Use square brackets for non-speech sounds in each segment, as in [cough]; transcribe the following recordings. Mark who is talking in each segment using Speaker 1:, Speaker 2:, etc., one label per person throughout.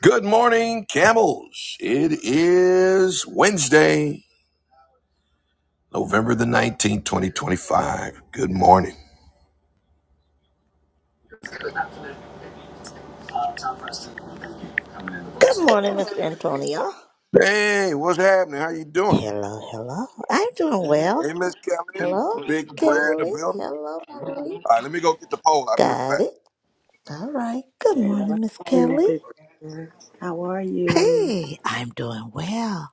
Speaker 1: Good morning, camels. It is Wednesday, November the 19th, 2025. Good morning.
Speaker 2: Good morning, Mr. Antonio.
Speaker 1: Hey, what's happening? How you doing?
Speaker 2: Hello, hello. I'm doing well.
Speaker 1: Hey, Miss Kelly,
Speaker 2: Hello, Miss
Speaker 1: big prayer in the
Speaker 2: Kelly.
Speaker 1: building.
Speaker 2: Hello, Marie.
Speaker 1: All right, let me go get the poll. I'll be right
Speaker 2: Got
Speaker 1: back.
Speaker 2: it. All right. Good
Speaker 3: Grand
Speaker 2: morning, Miss
Speaker 3: Rising,
Speaker 2: Kelly.
Speaker 3: Big Bear. How are you?
Speaker 2: Hey, I'm doing well.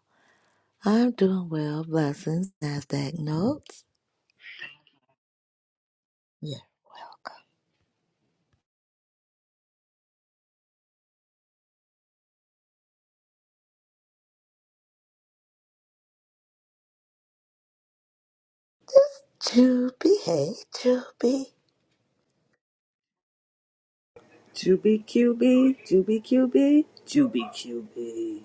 Speaker 2: I'm doing well. Blessings. NASDAQ notes. Yeah. Juby. Hey, Juby.
Speaker 3: Juby QB, Juby QB, Juby QB.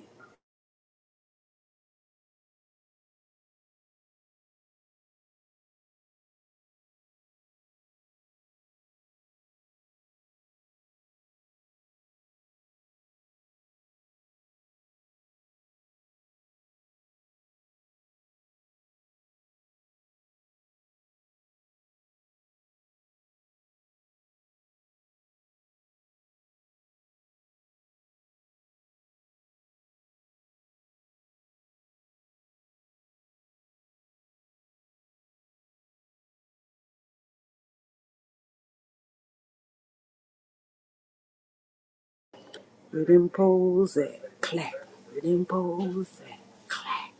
Speaker 3: Rhythm pose it, clack. Rhythm pose it, clack.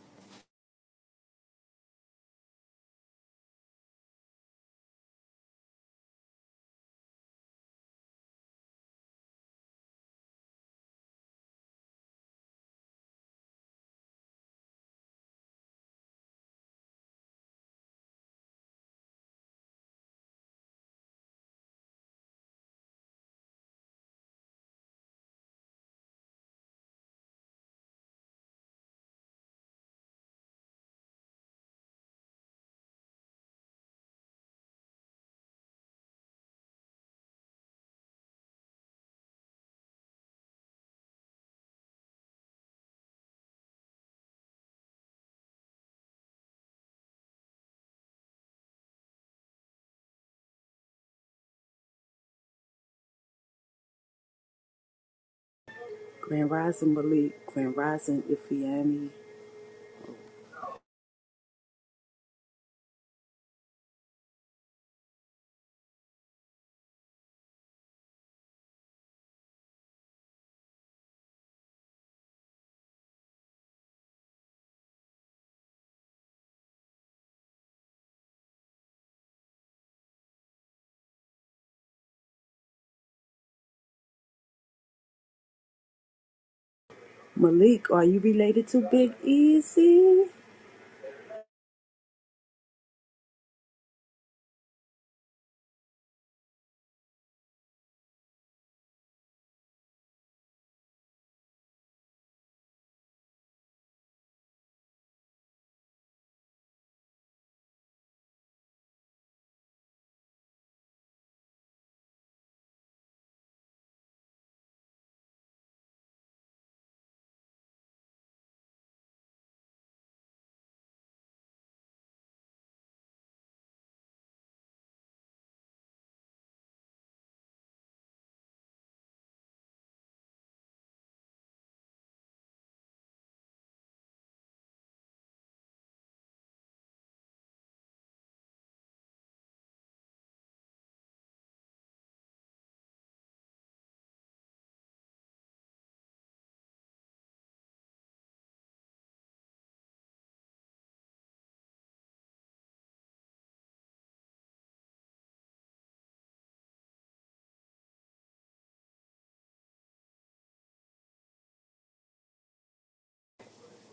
Speaker 3: Grand Rising Malik, Grand Rising Ifiani. Malik, are you related to Big Easy?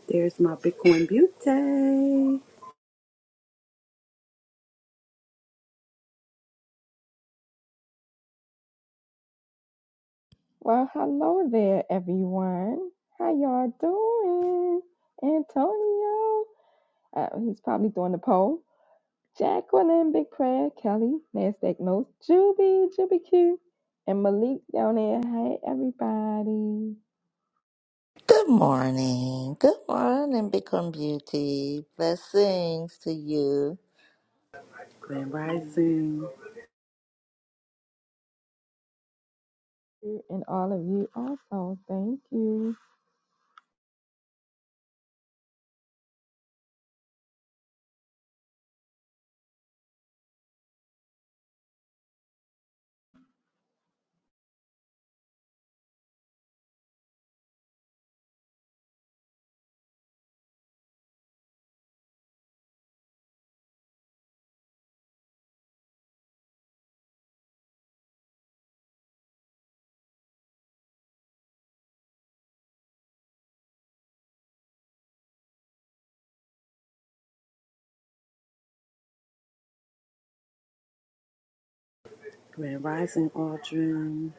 Speaker 3: There's my Bitcoin Beauty.
Speaker 4: Well, hello there, everyone. How y'all doing? Antonio, uh, he's probably doing the poll. Jacqueline, Big Prayer, Kelly, Nasdaq Notes, Juby, Juby Q, and Malik down there. Hey, everybody.
Speaker 2: Good morning. Good morning, Become Beauty. Blessings to you.
Speaker 3: Grand Rising,
Speaker 4: And all of you also. Thank you.
Speaker 3: Grand Rising Aldrin.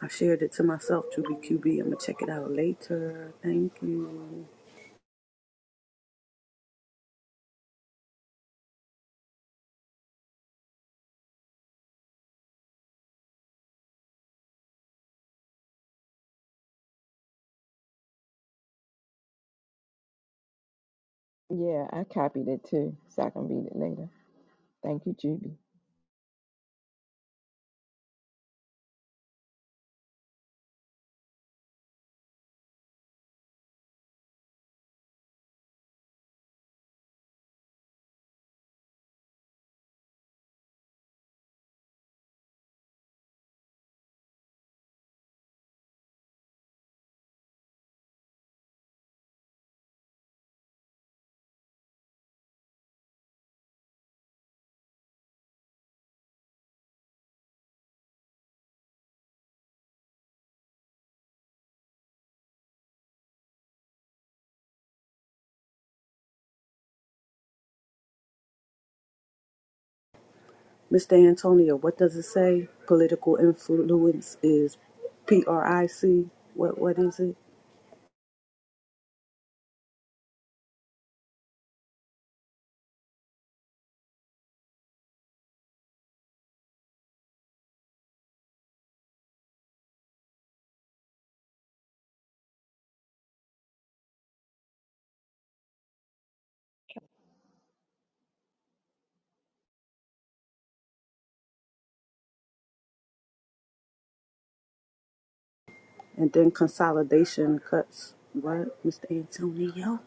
Speaker 3: I shared it to myself, Juby QB. I'm gonna check it out later. Thank you.
Speaker 4: Yeah, I copied it too, so I can read it later. Thank you, Juby.
Speaker 3: Mr. Antonio, what does it say? Political influence is PRIC. What what is it? And then consolidation cuts. What, Mr. Antonio?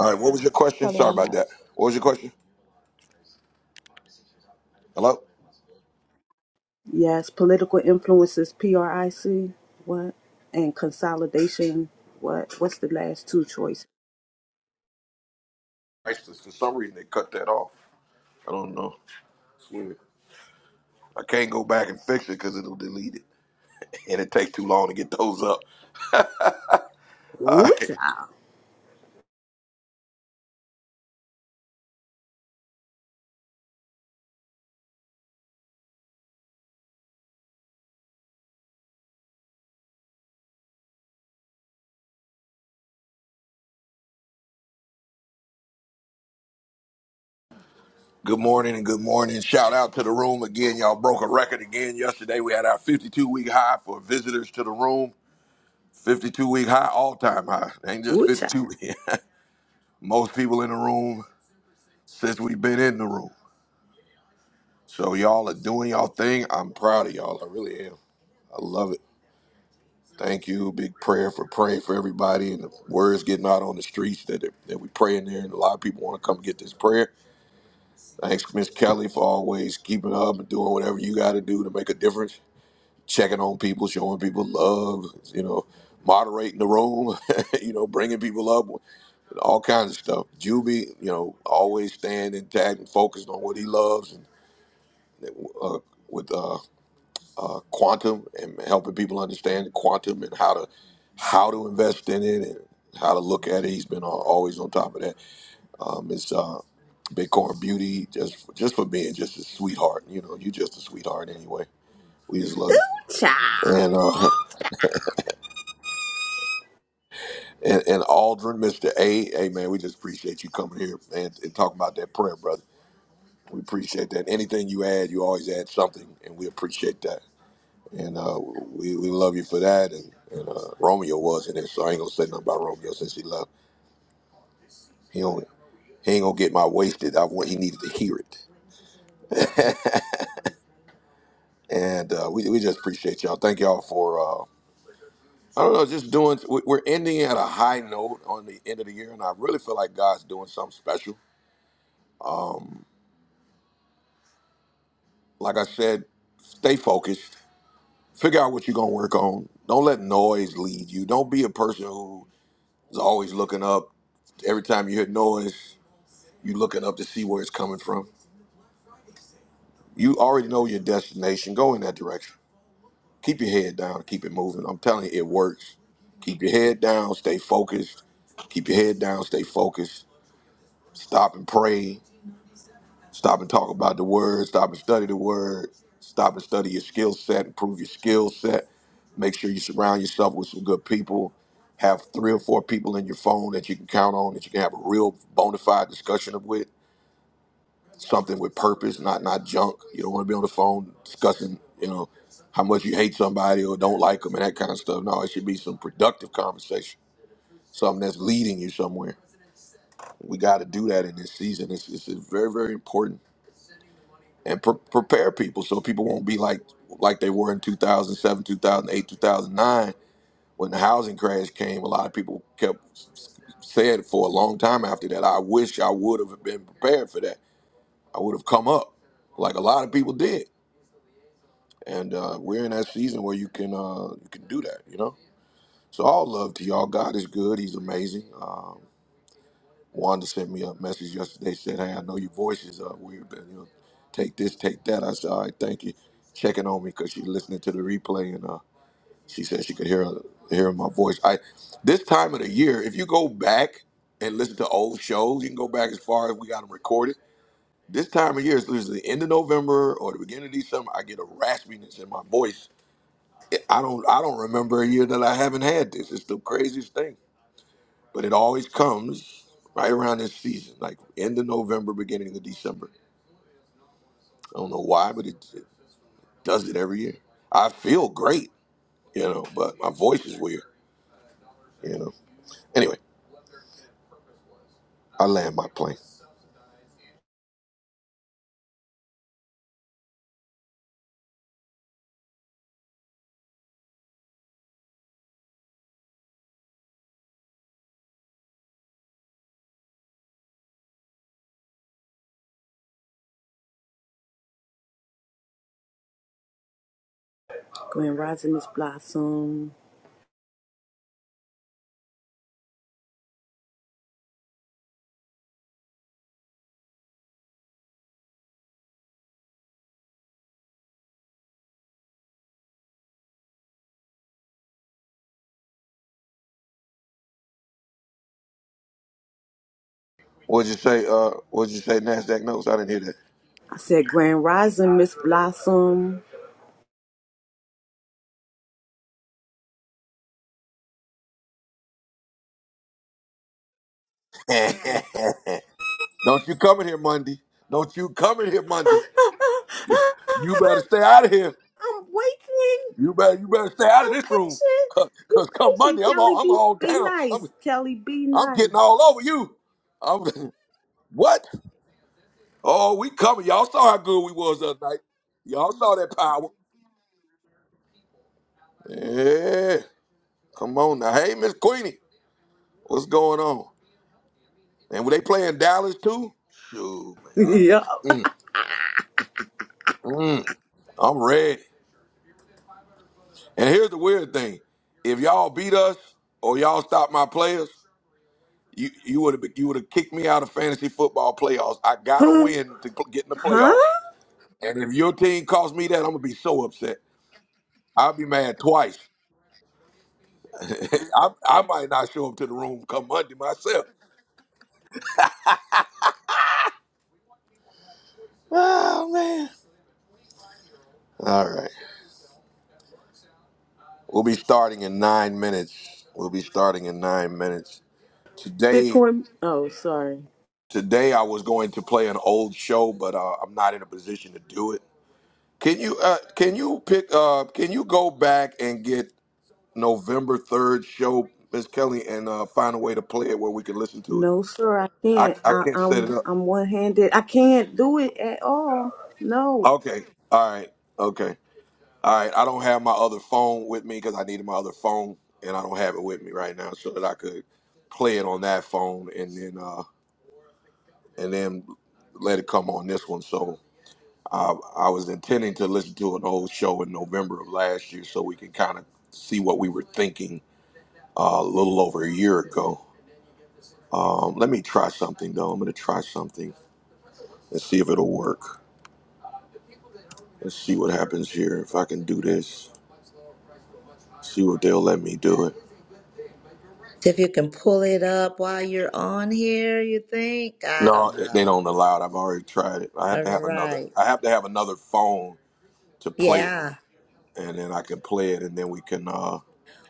Speaker 1: All right, what was your question?
Speaker 4: Kelly
Speaker 1: Sorry
Speaker 4: on
Speaker 1: about
Speaker 4: my.
Speaker 1: that. What was your question? Hello?
Speaker 3: Yes, political influence is PRIC. What? And consolidation. What? What's the last two choices?
Speaker 1: Christ, For some reason, they cut that off. I don't know. It's weird. I can't go back and fix it because it'll delete it. [laughs] And it takes too long to get those up. All
Speaker 3: Ooh
Speaker 1: right.
Speaker 3: child.
Speaker 1: Good morning and good morning. Shout out to the room again. Y'all broke a record again yesterday. We had our 52 week high for visitors to the room. 52 week high, all time high. Ain't just
Speaker 3: Ooh child.
Speaker 1: 52. [laughs] Most people in the room since we've been in the room. So y'all are doing y'all thing. I'm proud of y'all. I really am. I love it. Thank you. Big prayer for praying for everybody and the words getting out on the streets that, that we pray in there. And a lot of people want to come get this prayer. Thanks, Miss Kelly, for always keeping up and doing whatever you got to do to make a difference checking on people, showing people love, you know, moderating the room, [laughs] you know, bringing people up, all kinds of stuff. Juby, you know, always staying intact and focused on what he loves and uh, with uh, uh, quantum and helping people understand quantum and how to how to invest in it and how to look at it. He's been al- always on top of that. Um, it's uh, Bitcoin Beauty just just for being just a sweetheart. You know, you just a sweetheart anyway. We just love you.
Speaker 3: Child.
Speaker 1: And uh, [laughs] And, and Aldrin, Mr. A, hey man, we just appreciate you coming here and, and talking about that prayer, brother. We appreciate that. Anything you add, you always add something, and we appreciate that. And uh, we, we love you for that. And, and uh, Romeo was in there, so I ain't gonna say nothing about Romeo since he left. He don't he ain't gonna get my wasted. I want he needed to hear it. And uh, we we just appreciate y'all. Thank y'all for uh, I don't know, just doing. we- We're ending at a high note on the end of the year, and I really feel like God's doing something special. Like I said, stay focused Figure out what you're gonna work on. Don't let noise lead you. Don't be a person who is always looking up. Every time you hear noise, you looking up to see where it's coming from. You already know your destination. Go in that direction. Keep your head down. Keep it moving. I'm telling you, it works. Keep your head down. Stay focused. Keep your head down. Stay focused. Stop and pray. Stop and talk about the word. Stop and study the word. Stop and study your skill set. Improve your skill set. Make sure you surround yourself with some good people. Have three or four people in your phone that you can count on that you can have a real bona fide discussion with. Something with purpose, not not junk. You don't want to be on the phone discussing, you know, how much you hate somebody or don't like them and that kind of stuff. No, it should be some productive conversation. Something that's leading you somewhere. We got to do that in this season. It's, it's very, very important and pre- prepare people so people won't be like like they were in 2007 2008 2009 when the housing crash came a lot of people kept said for a long time after that i wish i would have been prepared for that i would have come up like a lot of people did and uh, we're in that season where you can uh, you can do that you know so all love to y'all god is good he's amazing Um, Wanda sent me a message yesterday. Said, "Hey, I know your voice is uh, weird, but you know, take this, take that." I said, "All right, thank you." Checking on me because she's listening to the replay, and uh, she said she could hear hear my voice. I this time of the year, if you go back and listen to old shows, you can go back as far as we got them recorded. This time of year is usually the end of November or the beginning of December. I get a raspiness in my voice. I don't I don't remember a year that I haven't had this. It's the craziest thing but it always comes right around this season, like end of November, beginning of December. I don't know why, but it, it does it every year. I feel great, you know, but my voice is weird, you know. Anyway, I land my plane.
Speaker 3: Grand Rising Miss Blossom.
Speaker 1: What'd you say? Uh, what'd you say? Nasdaq knows. I didn't hear
Speaker 3: I said Grand Rising Miss Blossom.
Speaker 1: that. [laughs] don't you come in here Monday. Don't you come in here
Speaker 3: [laughs]
Speaker 1: Monday.
Speaker 3: I'm
Speaker 1: You better stay out of here.
Speaker 3: waiting.
Speaker 1: You better you better stay out of
Speaker 3: I'm
Speaker 1: this room.
Speaker 3: patient.
Speaker 1: Cause,
Speaker 3: Be
Speaker 1: 'cause come
Speaker 3: patient,
Speaker 1: Monday, I'm
Speaker 3: Kelly.
Speaker 1: all I'm
Speaker 3: Be
Speaker 1: all
Speaker 3: be
Speaker 1: down. I'm
Speaker 3: nice, Kelly. Be
Speaker 1: I'm
Speaker 3: nice.
Speaker 1: getting all over you. I'm, [laughs] what? Oh, we coming. Y'all saw how good we was the other night. Y'all saw that power. Yeah. Come on now. Hey, Miss Queenie. What's going on? And were they playing Dallas too? Shoot,
Speaker 3: [laughs]
Speaker 1: man.
Speaker 3: yeah.
Speaker 1: Mm, I'm ready. And here's the weird thing. If y'all beat us or y'all stop my players, you you would have you would have kicked me out of fantasy football playoffs. I gotta
Speaker 3: huh?
Speaker 1: win to get in the playoffs.
Speaker 3: Huh?
Speaker 1: And if your team costs me that, I'm gonna be so upset. I'll be mad twice. [laughs] I, I might not show up to the room come Monday myself. Oh man. All right. We'll be starting in nine minutes. We'll be starting in nine minutes. Today
Speaker 3: Bitcoin. Oh, sorry.
Speaker 1: today I was going to play an old show, but uh, I'm not in a position to do it. Can you uh can you pick uh can you go back and get November third show, Miss Kelly, and uh find a way to play it where we can listen to it?
Speaker 3: No, sir. I
Speaker 1: I
Speaker 3: can't.
Speaker 1: I
Speaker 3: I,
Speaker 1: can't set it
Speaker 3: I'm
Speaker 1: up.
Speaker 3: I'm one handed. I can't do it at all. No.
Speaker 1: Okay. All right. Okay. All right, I don't have my other phone with me because I needed my other phone, and I don't have it with me right now, so that I could play it on that phone and then uh, and then let it come on this one. So uh, I was intending to listen to an old show in November of last year, so we can kind of see what we were thinking uh, a little over a year ago. Um, let me try something though. I'm gonna try something and see if it'll work. Let's see what happens here. If I can do this, see what they'll let me do it.
Speaker 2: See if you can pull it up while you're on here, you think? I
Speaker 1: No,
Speaker 2: don't know.
Speaker 1: they don't allow it. I've already tried it. I have
Speaker 2: All
Speaker 1: to have another.
Speaker 2: right.
Speaker 1: I have to have another phone to play it,
Speaker 2: Yeah.
Speaker 1: and then I can play it, and then we can. uh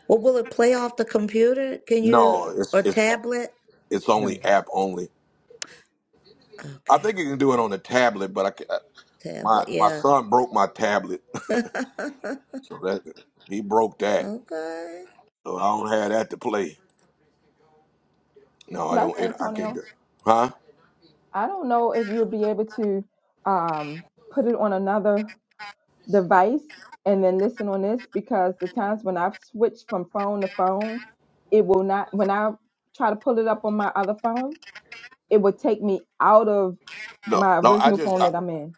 Speaker 2: Well, will it play off the computer? Can you,
Speaker 1: No, it's
Speaker 2: or
Speaker 1: it's
Speaker 2: tablet?
Speaker 1: it's
Speaker 2: No.
Speaker 1: only app only. I
Speaker 2: Okay.
Speaker 1: think you can do it on the tablet, but I can, my
Speaker 2: Tablet,
Speaker 1: my
Speaker 2: yeah.
Speaker 1: son broke my tablet,
Speaker 2: [laughs]
Speaker 1: [laughs] so that he broke that.
Speaker 2: Okay.
Speaker 1: So I don't have that to play. No, I
Speaker 4: Plus,
Speaker 1: don't. It, I can't do.
Speaker 4: Antonio,
Speaker 1: It. Huh?
Speaker 4: I don't know if you'll be able to um, put it on another device and then listen on this because the times when I've switched from phone to phone, it will not, when I try to pull it up on my other phone, it will take me out of
Speaker 1: No,
Speaker 4: my
Speaker 1: no. I
Speaker 4: original
Speaker 1: just
Speaker 4: phone
Speaker 1: I,
Speaker 4: that I'm in.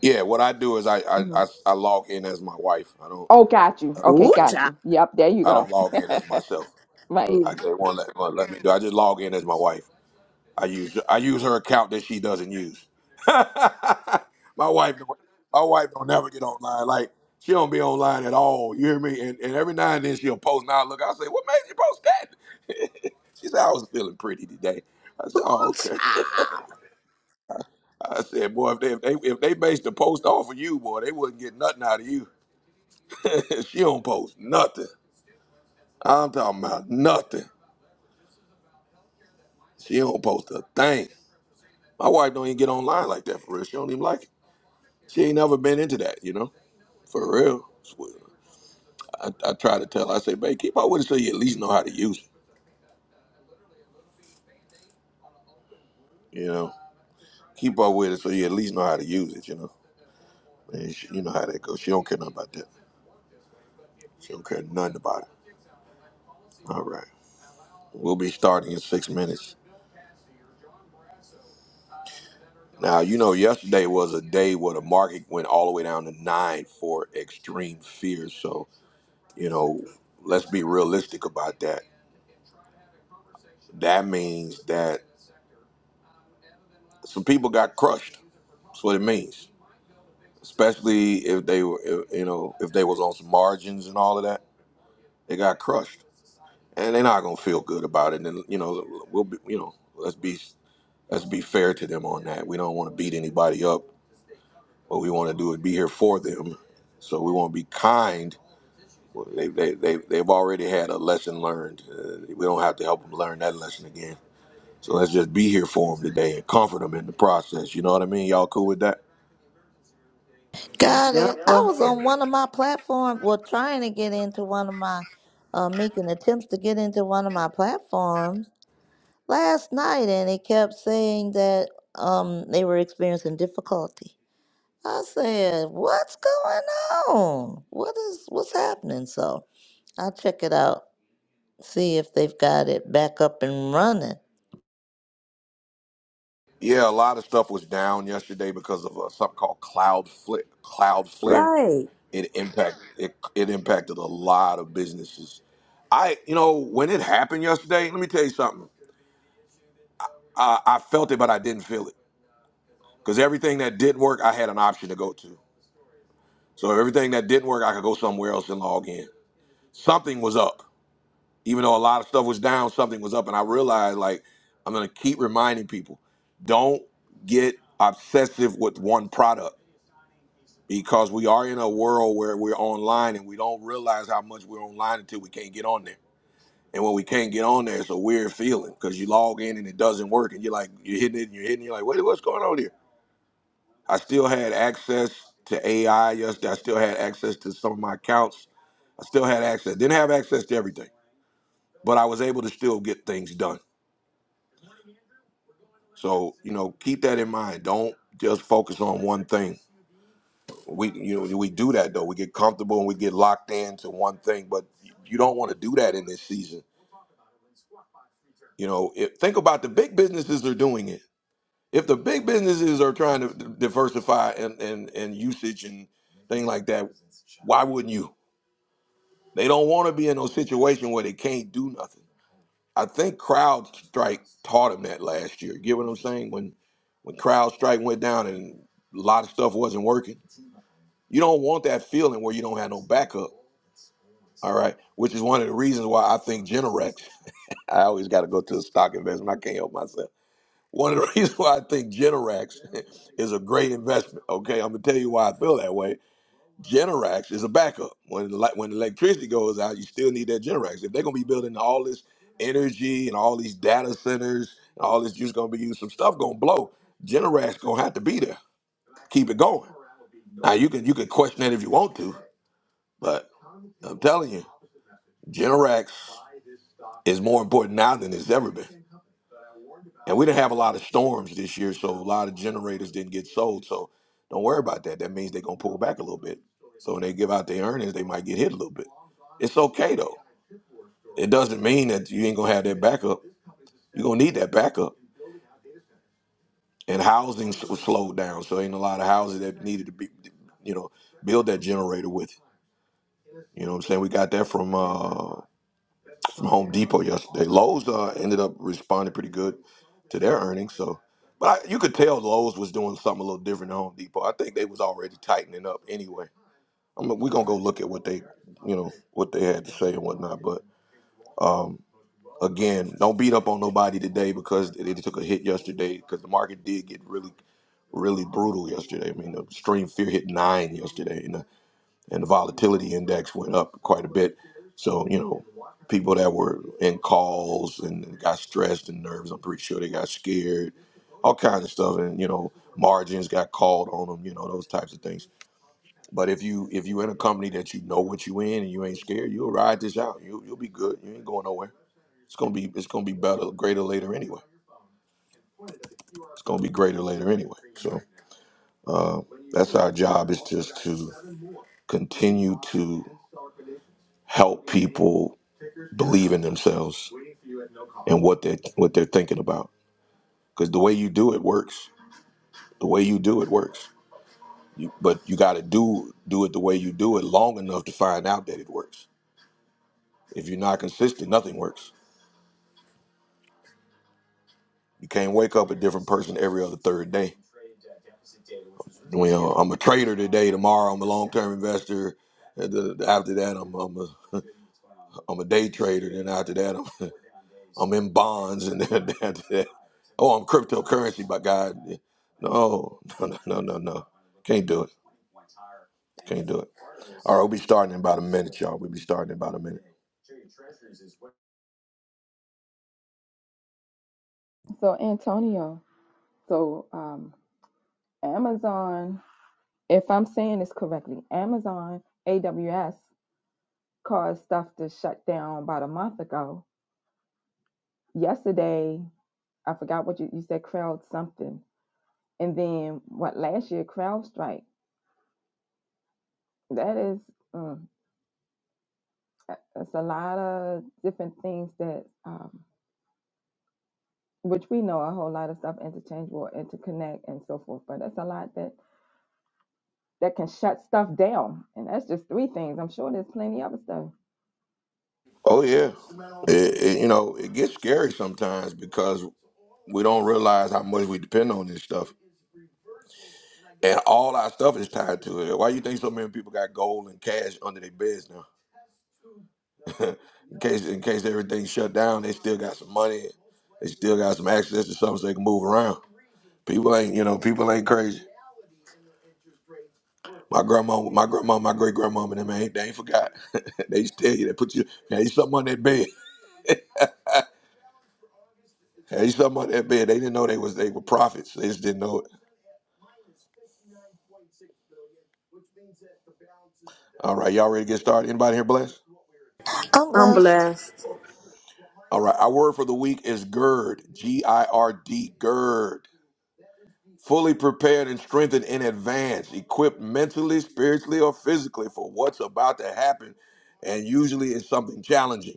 Speaker 1: yeah. What I do is I, I
Speaker 4: hmm
Speaker 1: I I log in as my wife. I don't
Speaker 4: Oh, got you.
Speaker 1: I don't
Speaker 4: Okay,
Speaker 3: Ooh,
Speaker 1: log in.
Speaker 4: got
Speaker 3: child.
Speaker 4: you. Yep, there you
Speaker 1: I don't
Speaker 4: go. [laughs]
Speaker 1: log in as myself.
Speaker 4: Right.
Speaker 3: Ooh,
Speaker 1: I just won't let, won't let me do. I just log in as my wife. I use I use her account that she doesn't use. [laughs] my wife, don't- my wife don't never get online. Like she don't be online at all. You hear me? And, and every now and then she'll post. Now I look, I say, what made you post that? [laughs] she said I was feeling pretty today. I said, oh okay.
Speaker 3: child.
Speaker 1: [laughs] I said, boy, if they if they, if they based the post off of you, boy, they wouldn't get nothing out of you. [laughs] she don't post nothing. I'm talking about nothing. She don't post a thing. My wife don't even get online like that for real. She don't even like it. She ain't never been into that, you know, for real. I, I try to tell her, I say, babe, keep up with it so you at least know how to use it, you know. Keep up with it so you at least know how to use it, you know. And she, you know how that goes. She don't care nothing about that. She don't care nothing about it. All right. We'll be starting in six minutes. Now, you know, yesterday was a day where the market went all the way down to nine for extreme fear. So, you know, let's be realistic about that. That means that some people got crushed. That's what it means. Especially if they were, if- you know, if they was on some margins and all of that, they got crushed, and they're not gonna feel good about it. And you know, we'll be, you know, let's be let's be fair to them on that. We don't want to beat anybody up. What we want to do is be here for them. So we want to be kind. Well, They, they, they, they've already had a lesson learned. Uh, we don't have to help them learn that lesson again. So let's just be here for them today and comfort them in the process. You know what I mean? Y'all cool with that?
Speaker 2: Got it.
Speaker 3: Yep.
Speaker 2: I
Speaker 3: uh,
Speaker 2: was on one of my platforms, well, trying to get into one of my, uh, making attempts to get into one of my platforms last night, and it kept saying that um they were experiencing difficulty. I said, "What's going on? What is what's happening?" So I'll check it out. see if they've got it back up and running.
Speaker 1: Yeah, a lot of stuff was down yesterday because of uh, something called cloud flare. Cloud flare.
Speaker 2: Right.
Speaker 1: It impact it, it impacted a lot of businesses. I, you know, when it happened yesterday, let me tell you something. I, I felt it, but I didn't feel it because everything that didn't work, I had an option to go to. So everything that didn't work, I could go somewhere else and log in. Something was up, even though a lot of stuff was down. Something was up, and I realized like I'm gonna keep reminding people, don't get obsessive with one product because we are in a world where we're online and we don't realize how much we're online until we can't get on there. And when we can't get on there, it's a weird feeling because you log in and it doesn't work, and you're like, you're hitting it, and you're hitting, it, you're like, wait, what's going on here? I still had access to AI yesterday. I still had access to some of my accounts. I still had access. Didn't have access to everything, but I was able to still get things done. So you know, keep that in mind. Don't just focus on one thing we you know we do that though. We get comfortable and we get locked into one thing, but you don't want to do that in this season. You know, if, think about the big businesses are doing it. If the big businesses are trying to d- diversify and and and usage and thing like that, why wouldn't you? They don't want to be in a situation where they can't do nothing. I think CrowdStrike taught them that last year. You get what I'm saying? When when CrowdStrike went down and a lot of stuff wasn't working, you don't want that feeling where you don't have no backup. All right. Which is one of the reasons why I think Generex, [laughs] I always got to go to the stock investment. I can't help myself. One of the [laughs] reasons why I think Generex [laughs] is a great investment. Okay. I'm going to tell you why I feel that way. Generex is a backup. When the, li- when the electricity goes out, you still need that Generex. If they're going to be building all this energy and all these data centers and all this just going to be used, some stuff going to blow. Generex going to have to be there. Keep it going. Now, you can you can question it if you want to, but I'm telling you, Generac. is more important now than it's ever been. And we didn't have a lot of storms this year, so a lot of generators didn't get sold. So don't worry about that. That means they're gonna pull back a little bit. So when they give out their earnings, they might get hit a little bit. It's okay though. It doesn't mean that you ain't gonna have that backup. You're gonna need that backup. And housing s- slowed down, so ain't a lot of houses that needed to be, you know, build that generator with. You know what I'm saying? We got that from uh, from Home Depot yesterday. Lowe's uh, ended up responding pretty good to their earnings. So, but I, you could tell Lowe's was doing something a little different than Home Depot. I think they was already tightening up anyway. I mean, we're gonna go look at what they, you know, what they had to say and whatnot. But um, again, don't beat up on nobody today because they took a hit yesterday because the market did get really, really brutal yesterday. I mean, the stream fear hit nine yesterday and the volatility index went up quite a bit. So, you know, people that were in calls and got stressed and nervous, I'm pretty sure they got scared, all kinds of stuff. And, you know, margins got called on them, you know, those types of things. But if you if you in a company that you know what you in and you ain't scared, you'll ride this out. You you'll be good. You ain't going nowhere. It's gonna be it's gonna be better, greater later anyway. It's gonna be greater later anyway. So uh, that's our job is just to continue to help people believe in themselves and what they what they're thinking about. Because the way you do it works. The way you do it works. You, but you got to do do it the way you do it long enough to find out that it works. If you're not consistent, nothing works. You can't wake up a different person every other third day. You know, I'm a trader today. Tomorrow, I'm a long-term investor. and the- the- After that, I'm I'm a, [laughs] I'm a day trader. Then after that, I'm [laughs] I'm in bonds and [laughs] that, that, that. Oh, I'm cryptocurrency by God. No, no, no, no, no, no. Can't do it. Can't do it. All right, we'll be starting in about a minute, y'all. We'll be starting in about a minute.
Speaker 4: So, Antonio, so um, Amazon, if I'm saying this correctly, Amazon AWS caused stuff to shut down about a month ago. Yesterday, I forgot what you, you said, crowd something And then what last year, CrowdStrike. That is, mm, that- that's a lot of different things that, um, which we know a whole lot of stuff interchangeable, interconnect, and so forth. But that's a lot that that can shut stuff down. And that's just three things. I'm sure there's plenty other stuff.
Speaker 1: Oh, yeah. It, it, you know, it gets scary sometimes because we don't realize how much we depend on this stuff. And all our stuff is tied to it. Why you think so many people got gold and cash under their beds now? [laughs] in case in case everything shut down, they still got some money. They still got some access to something so they can move around. People ain't, you know, people ain't crazy. My grandma, my grandma, my great grandma, and them ain't, they ain't forgot. [laughs] they used to tell you, they put you, they used something on that bed. [laughs] they used something on that bed. They didn't know they was, they were prophets. They just didn't know it. All right, y'all ready to get started? Anybody here blessed?
Speaker 2: I'm
Speaker 3: I'm
Speaker 2: lost.
Speaker 3: blessed.
Speaker 1: All right, our word for the week is gird, G-I-R-D, gird. Fully prepared and strengthened in advance, equipped mentally, spiritually, or physically for what's about to happen, and usually it's something challenging.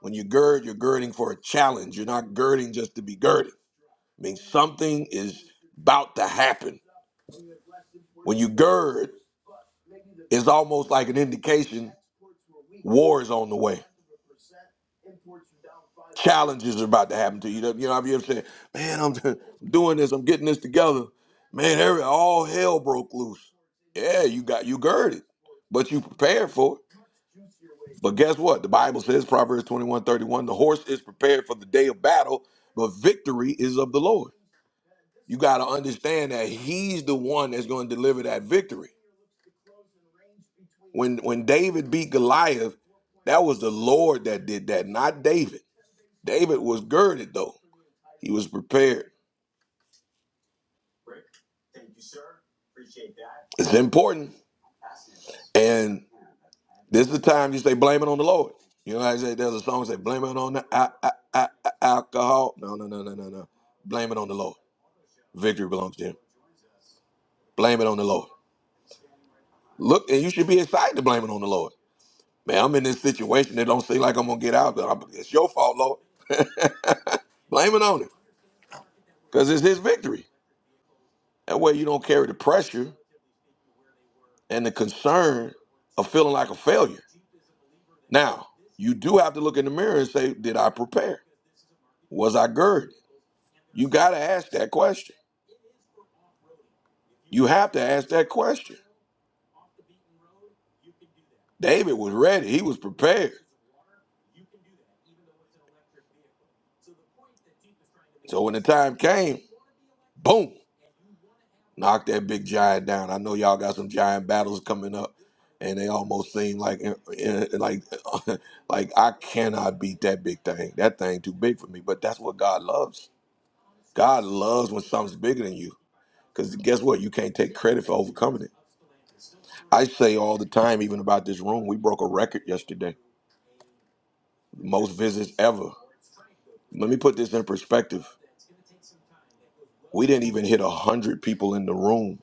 Speaker 1: When you gird, you're girding for a challenge. You're not girding just to be girded. I mean, something is about to happen. When you gird, it's almost like an indication war is on the way. Challenges are about to happen to you. You know, I've ever said, man, I'm [laughs] doing this, I'm getting this together. Man, every, all hell broke loose. Yeah, you got you girded, but you prepared for it. But guess what? The Bible says, Proverbs 21 31: the horse is prepared for the day of battle, but victory is of the Lord. You got to understand that he's the one that's going to deliver that victory. When when David beat Goliath, that was the Lord that did that, not David. David was girded though. He was prepared. It's important. And this is the time you say blame it on the Lord. You know, how I say there's a song that say blame it on the a- a- a- a- alcohol. No, no, no, no, no, no. Blame it on the Lord. Victory belongs to him. Blame it on the Lord. Look, and you should be excited to blame it on the Lord. Man, I'm in this situation that don't seem like I'm gonna get out, but I'm, it's your fault, Lord. Blame it on him because it's his victory. That way you don't carry the pressure and the concern of feeling like a failure. Now, you do have to look in the mirror and say, Did I prepare? Was I girded? You got to ask that question. You have to ask that question. David was ready, he was prepared. So when the time came, boom, Knock that big giant down. I know y'all got some giant battles coming up, and they almost seem like eh, eh, eh, like [laughs] like I cannot beat that big thing. That thing too big for me. But that's what God loves. God loves when something's bigger than you. Because guess what? You can't take credit for overcoming it. I say all the time, even about this room, we broke a record yesterday. Most visits ever. Let me put this in perspective. We didn't even hit 100 people in the room.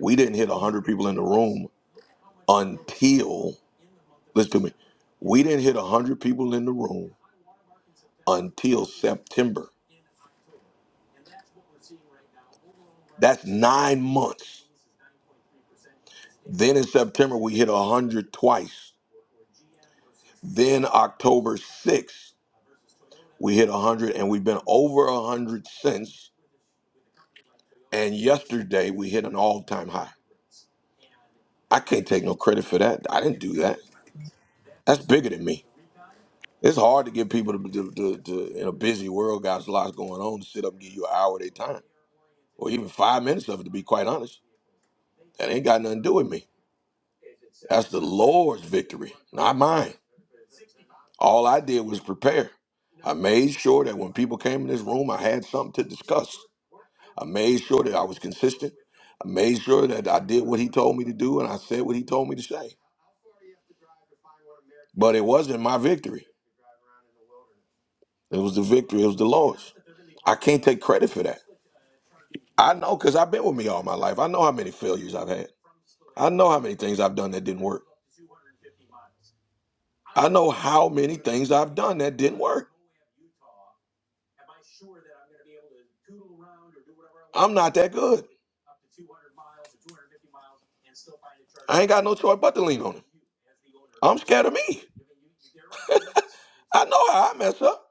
Speaker 1: We didn't hit 100 people in the room until listen to me. We didn't hit 100 people in the room until September. That's nine months. Then in September, we hit 100 twice. Then October 6th, we hit 100, and we've been over 100 since. And yesterday, we hit an all time high. I can't take no credit for that. I didn't do that. That's bigger than me. It's hard to get people to, to, to, to in a busy world, guys, lots going on, to sit up and give you an hour of their time or even five minutes of it, to be quite honest. That ain't got nothing to do with me. That's the Lord's victory, not mine. All I did was prepare. I made sure that when people came in this room, I had something to discuss. I made sure that I was consistent. I made sure that I did what he told me to do and I said what he told me to say. But it wasn't my victory. It was the victory. It was the Lord's. I can't take credit for that. I know because I've been with me all my life. I know how many failures I've had. I know how many things I've done that didn't work. I know how many things I've done that didn't work. I'm not that good. I ain't got no choice but to lean on him. I'm scared of me. I know how I mess up.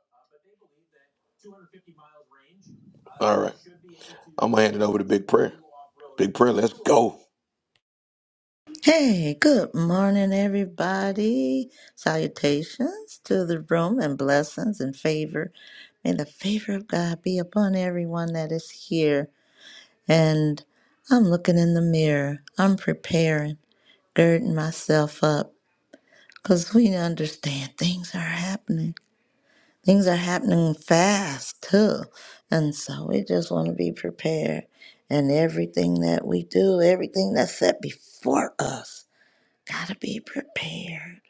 Speaker 1: All right. I'm going to hand it over to Big Prayer. Big Prayer, let's go.
Speaker 2: Hey, good morning, everybody. Salutations to the room and blessings and favor. May the favor of God be upon everyone that is here. And I'm looking in the mirror. I'm preparing, girding myself up because we understand things are happening. Things are happening fast too. And so we just want to be prepared. And everything that we do, everything that's set before us, got to be prepared.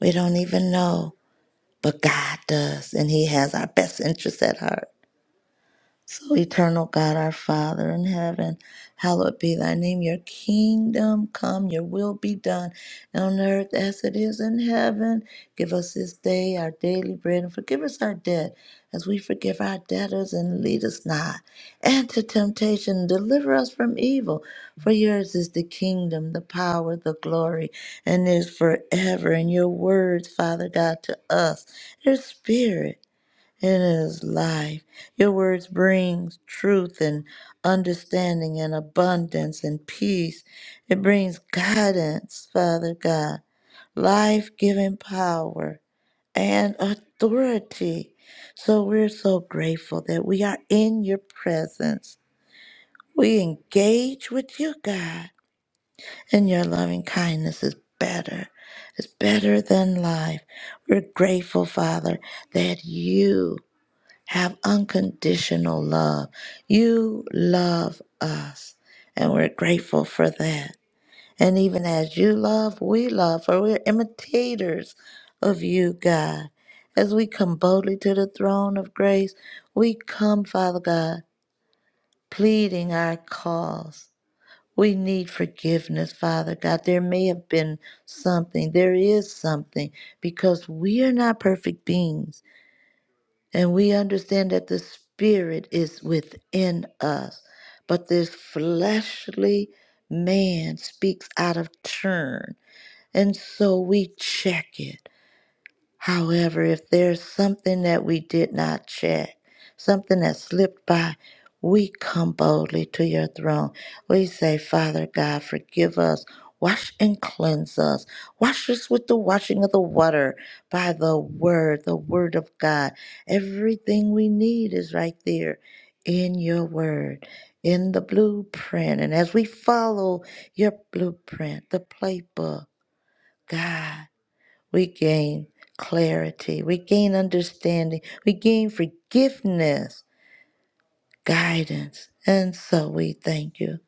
Speaker 2: We don't even know, but God does. And He has our best interests at heart. So, eternal God, our Father in heaven, hallowed be thy name. Your kingdom come, your will be done on earth as it is in heaven. Give us this day our daily bread and forgive us our debt as we forgive our debtors and lead us not into temptation. and Deliver us from evil. For yours is the kingdom, the power, the glory, and is forever. And your words, Father God, to us, your spirit. It is life. Your words brings truth and understanding and abundance and peace. It brings guidance, Father God, life-giving power and authority. So we're so grateful that we are in your presence. We engage with you, God, and your loving kindness is better. It's better than life. We're grateful, Father, that you have unconditional love. You love us, and we're grateful for that. And even as you love, we love, for we're imitators of you, God. As we come boldly to the throne of grace, we come, Father God, pleading our cause. We need forgiveness, Father God. There may have been something, there is something, because we are not perfect beings and we understand that the spirit is within us, but this fleshly man speaks out of turn. And so we check it. However, if there's something that we did not check, something that slipped by, we come boldly to your throne. We say, Father God, forgive us. Wash and cleanse us. Wash us with the washing of the water by the word, the word of God. Everything we need is right there in your word, in the blueprint. And as we follow your blueprint, the playbook, God we gain clarity, we gain understanding, we gain forgiveness, guidance. And so we thank you.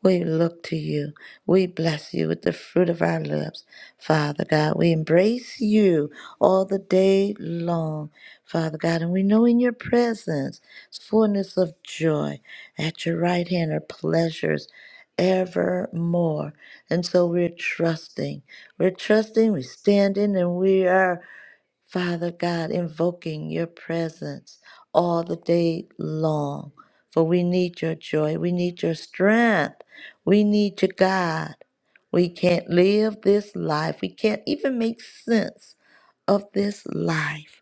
Speaker 2: We look to you. We bless you with the fruit of our lips. Father God, we embrace you all the day long, Father God. And we know in your presence, fullness of joy. At your right hand are pleasures evermore. And so we're trusting. We're trusting, we're standing, and we are. Father God, invoking your presence all the day long. For we need your joy. We need your strength. We need you, God. We can't live this life. We can't even make sense of this life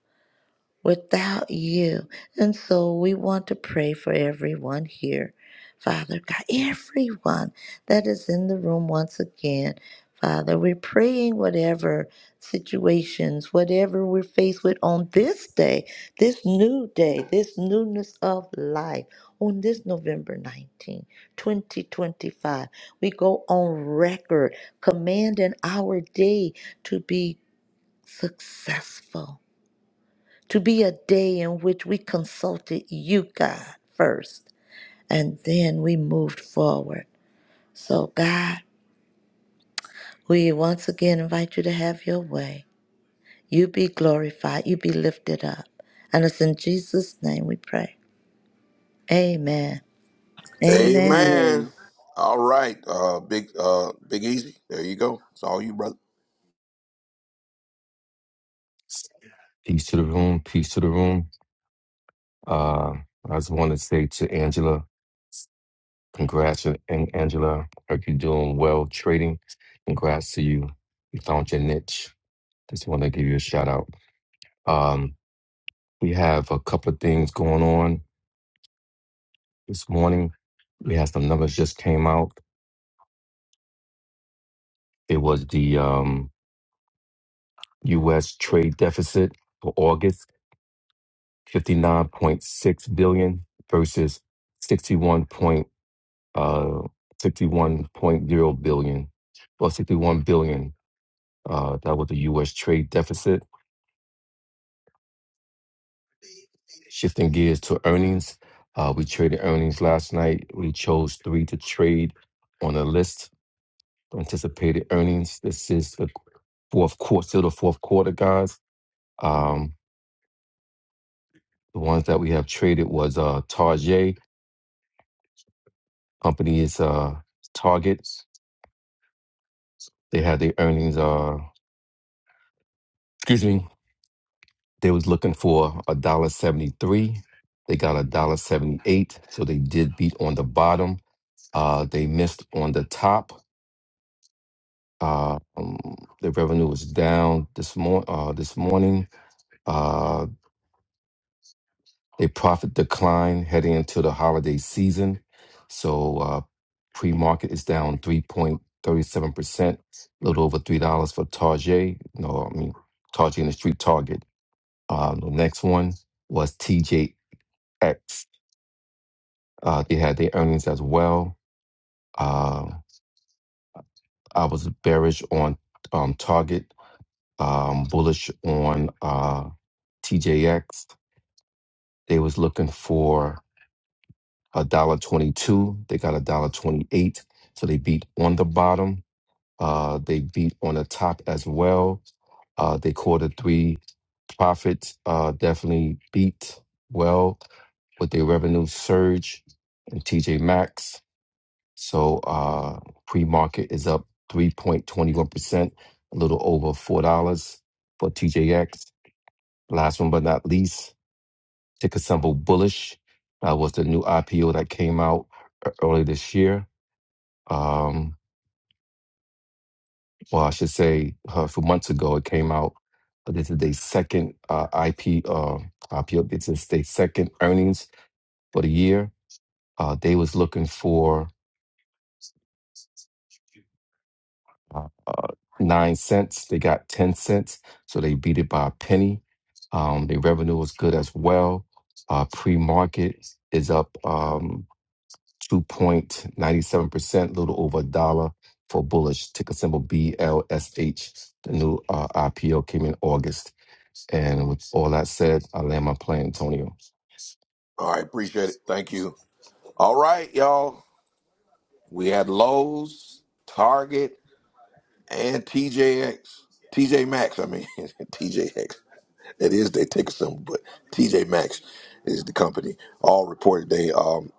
Speaker 2: without you. And so we want to pray for everyone here, Father God, everyone that is in the room once again. Father, we're praying whatever situations, whatever we're faced with on this day, this new day, this newness of life, on this November nineteenth, 2025. We go on record commanding our day to be successful to be a day in which we consulted you, God, first, and then we moved forward. So, God, we once again invite you to have your way. You be glorified, you be lifted up. And it's in Jesus' name we pray. Amen. Amen.
Speaker 1: Amen.
Speaker 3: Amen.
Speaker 1: All right. Uh big uh big easy. There you go. It's all you, brother.
Speaker 5: Peace to the room. Peace to the room. Uh, I just want to say to Angela, congrats, and and Angela. Hope you doing well trading. Congrats to you. You found your niche. Just want to give you a shout out. Um, we have a couple of things going on this morning. We had some numbers just came out. It was the um, U.S. trade deficit for August, fifty nine point six billion versus sixty one point. uh, 61.0 billion, well, 61 billion. Uh, that was the U.S. trade deficit. Shifting gears to earnings, uh, we traded earnings last night. We chose three to trade on the list anticipated earnings. This is the fourth quarter, still the fourth quarter, guys. Um, the ones that we have traded was uh, Target. Company is uh, Target. They had their earnings. Uh, excuse me. They was looking for a dollar seventy three. They got a dollar seventy eight. So they did beat on the bottom. Uh, they missed on the top. Uh, um, the revenue was down this mor- uh, this morning. Uh, they profit decline heading into the holiday season. So uh, pre market is down three point thirty seven percent, a little over three dollars for Target. No, I mean Target in the street Target. Uh, the next one was TJX. Uh, they had their earnings as well. Uh, I was bearish on um, Target, um, bullish on uh, TJX. They was looking for a dollar twenty-two. They got a dollar twenty-eight, so they beat on the bottom. Uh, they beat on the top as well. Uh, they quarter three profits uh, definitely beat well with their revenue surge and TJ Maxx. So uh, pre-market is up 3.21%, a little over $4 for TJX. Last one but not least, ticker symbol bullish. That was the new IPO that came out e- early this year. Um, well, I should say uh, a few months ago it came out. But this is their second uh, IP uh, IPO. This is their second earnings for the year. Uh, they was looking for uh, uh, nine cents. They got ten cents, so they beat it by a penny. Um, their revenue was good as well. Uh, pre-market is up um, two point ninety-seven percent, a little over a dollar for bullish ticker symbol BLSH. The new uh, IPO came in August, and with all that said, I land my plane, Antonio.
Speaker 1: All right, appreciate it. Thank you. All right, y'all. We had Lowe's, Target, and TJX, TJ Maxx. I mean, [laughs] TJX. That is, they take some, but TJ Maxx is the company. All reported they um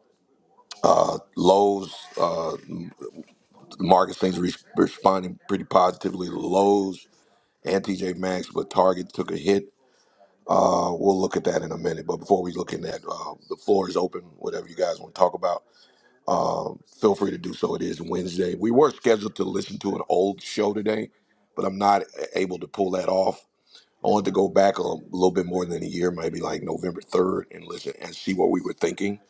Speaker 1: uh Lowe's uh the market seems to be responding pretty positively to Lowe's and TJ Maxx, but Target took a hit. Uh, we'll look at that in a minute. But before we look in that, uh, the floor is open. Whatever you guys want to talk about, um, feel free to do so. It is Wednesday. We were scheduled to listen to an old show today, but I'm not uh, able to pull that off I wanted to go back a little bit more than a year, maybe like November 3rd, and listen and see what we were thinking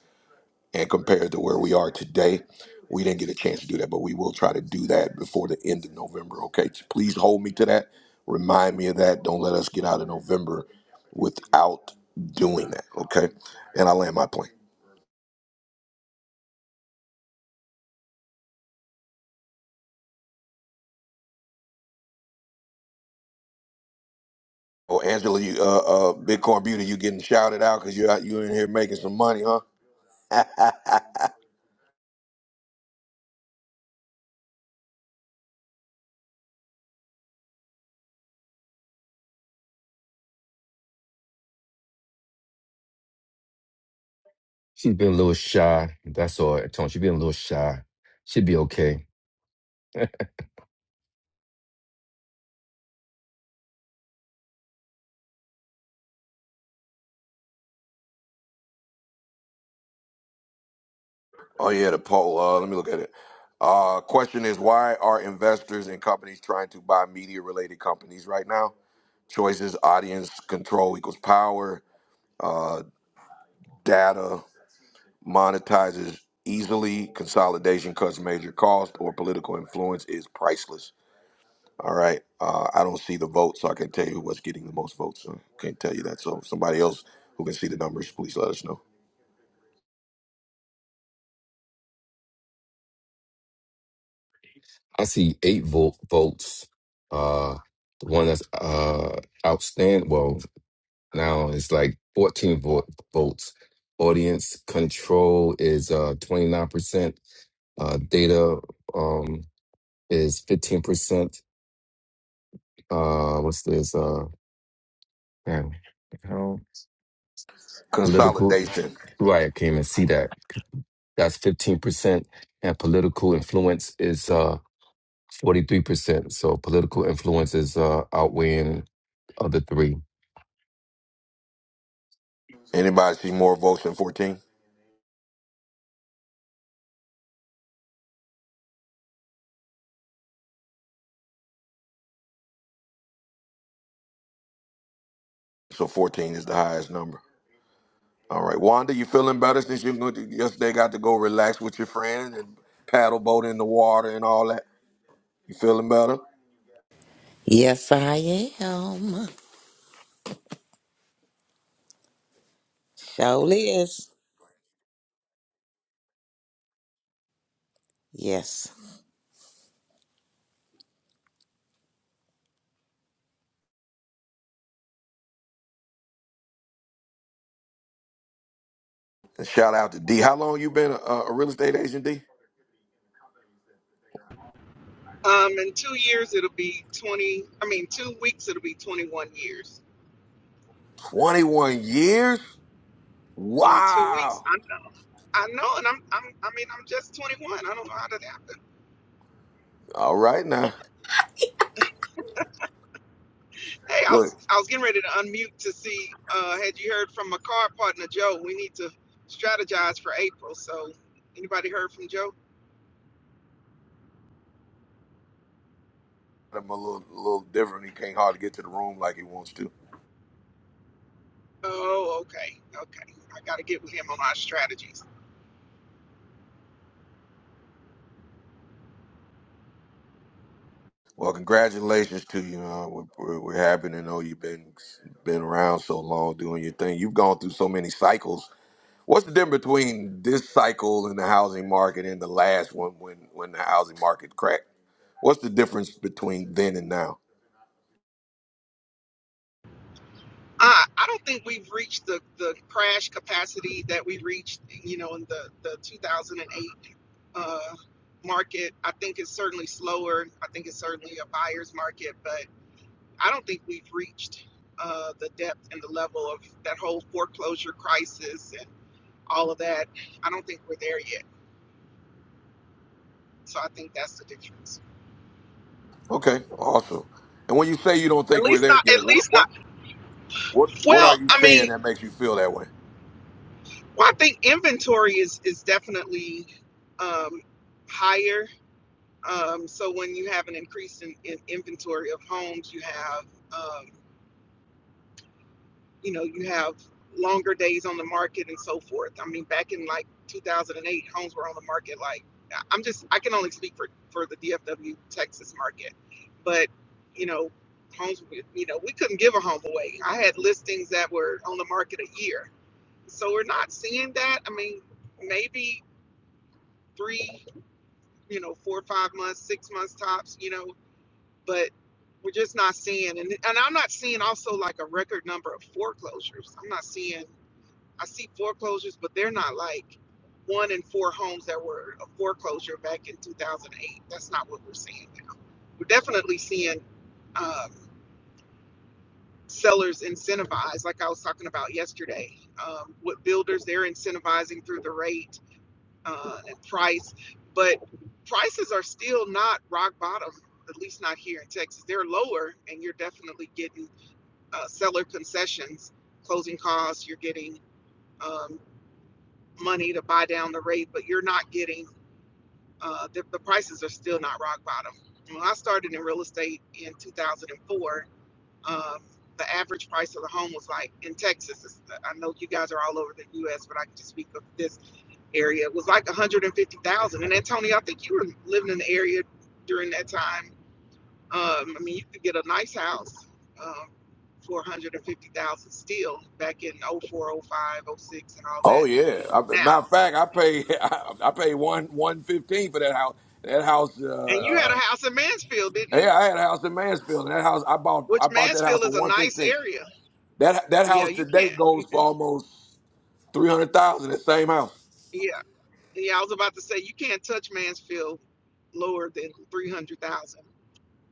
Speaker 1: and compare it to where we are today. We didn't get a chance to do that, but we will try to do that before the end of November. Okay, So please hold me to that. Remind me of that. Don't let us get out of November without doing that. Okay, and I land my plane. Oh, Angela, you, uh, uh, Bitcoin Beauty, you getting shouted out because you out you in here making some money, huh? [laughs]
Speaker 5: She's been a little shy. That's all, Antonio. She's been a little shy. She'll be okay.
Speaker 1: Oh yeah, the poll. Uh, let me look at it. Uh, question is why are investors and companies trying to buy media related companies right now? Choices: audience control equals power. Uh, data monetizes easily. Consolidation cuts major cost, or political influence is priceless. All right. Uh, I don't see the votes, so I can tell you what's getting the most votes. So can't tell you that. So if somebody else who can see the numbers, please let us know.
Speaker 5: I see eight volt volts. Uh, the one that's uh outstanding. Well, now it's like fourteen volt volts. Audience control is uh twenty nine percent. Uh, data um is fifteen percent. Uh, what's this? Uh, man, how political?
Speaker 1: Consolidation.
Speaker 5: Right, I came and see that. That's fifteen percent, and political influence is uh forty three percent. So political influence is uh outweighing other three.
Speaker 1: Anybody see more votes than fourteen? So 14 is the highest number. All right. Wanda, you feeling better since you went to- yesterday got to go relax with your friends and paddle boat in the water and all that? You feeling better?
Speaker 6: Yes, I am. Surely is. Yes.
Speaker 1: And shout out to D. How long you been a, a real estate agent, D?
Speaker 7: Um, in two years, it'll be 20. I mean, two weeks, it'll be 21 years.
Speaker 1: 21 years?
Speaker 7: In two
Speaker 1: Wow.
Speaker 7: weeks, I know. I know, and I'm, I'm. I mean, I'm just 21. I don't know how that happened.
Speaker 1: All right now.
Speaker 7: Hey, I
Speaker 1: Look,
Speaker 7: was, I was getting ready to unmute to see. Uh, had you heard from my car partner Joe? We need to strategize for April. So, anybody heard from Joe?
Speaker 1: I'm a little, little different. He can't hardly get to the room like he wants to.
Speaker 7: Oh, okay, okay. I got to get with him on our strategies.
Speaker 1: Well, congratulations to you. Uh, we're, we're we're happy to know you've been been around so long doing your thing. You've gone through so many cycles What's the difference between this cycle in the housing market and the last one when, when the housing market cracked? What's the difference between then and now?
Speaker 7: I, I don't think we've reached the, the crash capacity that we reached, you know, in the, the 2008 uh, market. I think it's certainly slower. I think it's certainly a buyer's market, but I don't think we've reached uh, the depth and the level of that whole foreclosure crisis and all of that. I don't think we're there yet. So I think that's the difference.
Speaker 1: Okay, awesome. And when you say you don't
Speaker 7: At
Speaker 1: think we're
Speaker 7: least
Speaker 1: there
Speaker 7: not. At
Speaker 1: yet, what
Speaker 7: least
Speaker 1: what
Speaker 7: not.
Speaker 1: what what are
Speaker 7: Well,
Speaker 1: you
Speaker 7: I mean,
Speaker 1: seeing that makes you feel that way?
Speaker 7: well, I think inventory is is definitely um, higher Um, so when you have an increase in, in inventory of homes, you have, um, you know, you have longer days on the market and so forth. I mean, back in like 2008, homes were on the market like I- am just I can only speak for for the DFW Texas market, but you know, homes you know we couldn't give a home away. I had listings that were on the market a year, so we're not seeing that. I mean, maybe three, you know, four, five months, six months tops. You know, but we're just not seeing and and I'm not seeing also like a record number of foreclosures. I'm not seeing I see foreclosures, but they're not like one in four homes that were a foreclosure back in 2008. That's not what we're seeing now. We're definitely seeing um, sellers incentivized, like I was talking about yesterday. Um, with builders, they're incentivizing through the rate uh, and price, but prices are still not rock bottom at least not here in Texas. They're lower, and you're definitely getting uh, seller concessions, closing costs, you're getting um, money to buy down the rate, but you're not getting, uh, the, the prices are still not rock bottom. When I started in real estate in 2004, um, the average price of the home was like in Texas. I know you guys are all over the U.S., but I can just speak of this area. It was like 150,000. And Antonio, I think you were living in the area during that time um, I mean, you could get a nice house um, for 150,000 still back in oh four, oh five, oh six, and all
Speaker 1: Oh
Speaker 7: that.
Speaker 1: yeah. I, matter
Speaker 7: Now,
Speaker 1: of fact, I pay [laughs] I, I paid one one fifteen for that house. That house. Uh,
Speaker 7: and you
Speaker 1: uh,
Speaker 7: had a house in Mansfield, didn't you?
Speaker 1: yeah, I had a house in Mansfield, and that house I bought I
Speaker 7: Which
Speaker 1: bought that house
Speaker 7: Mansfield
Speaker 1: for
Speaker 7: is a
Speaker 1: one
Speaker 7: nice
Speaker 1: fifteen.
Speaker 7: area.
Speaker 1: That that
Speaker 7: Yeah,
Speaker 1: house
Speaker 7: you
Speaker 1: today goes for
Speaker 7: can't. [laughs]
Speaker 1: almost three hundred thousand. That same house.
Speaker 7: Yeah, yeah. I was about to say you can't touch Mansfield lower than 300,000,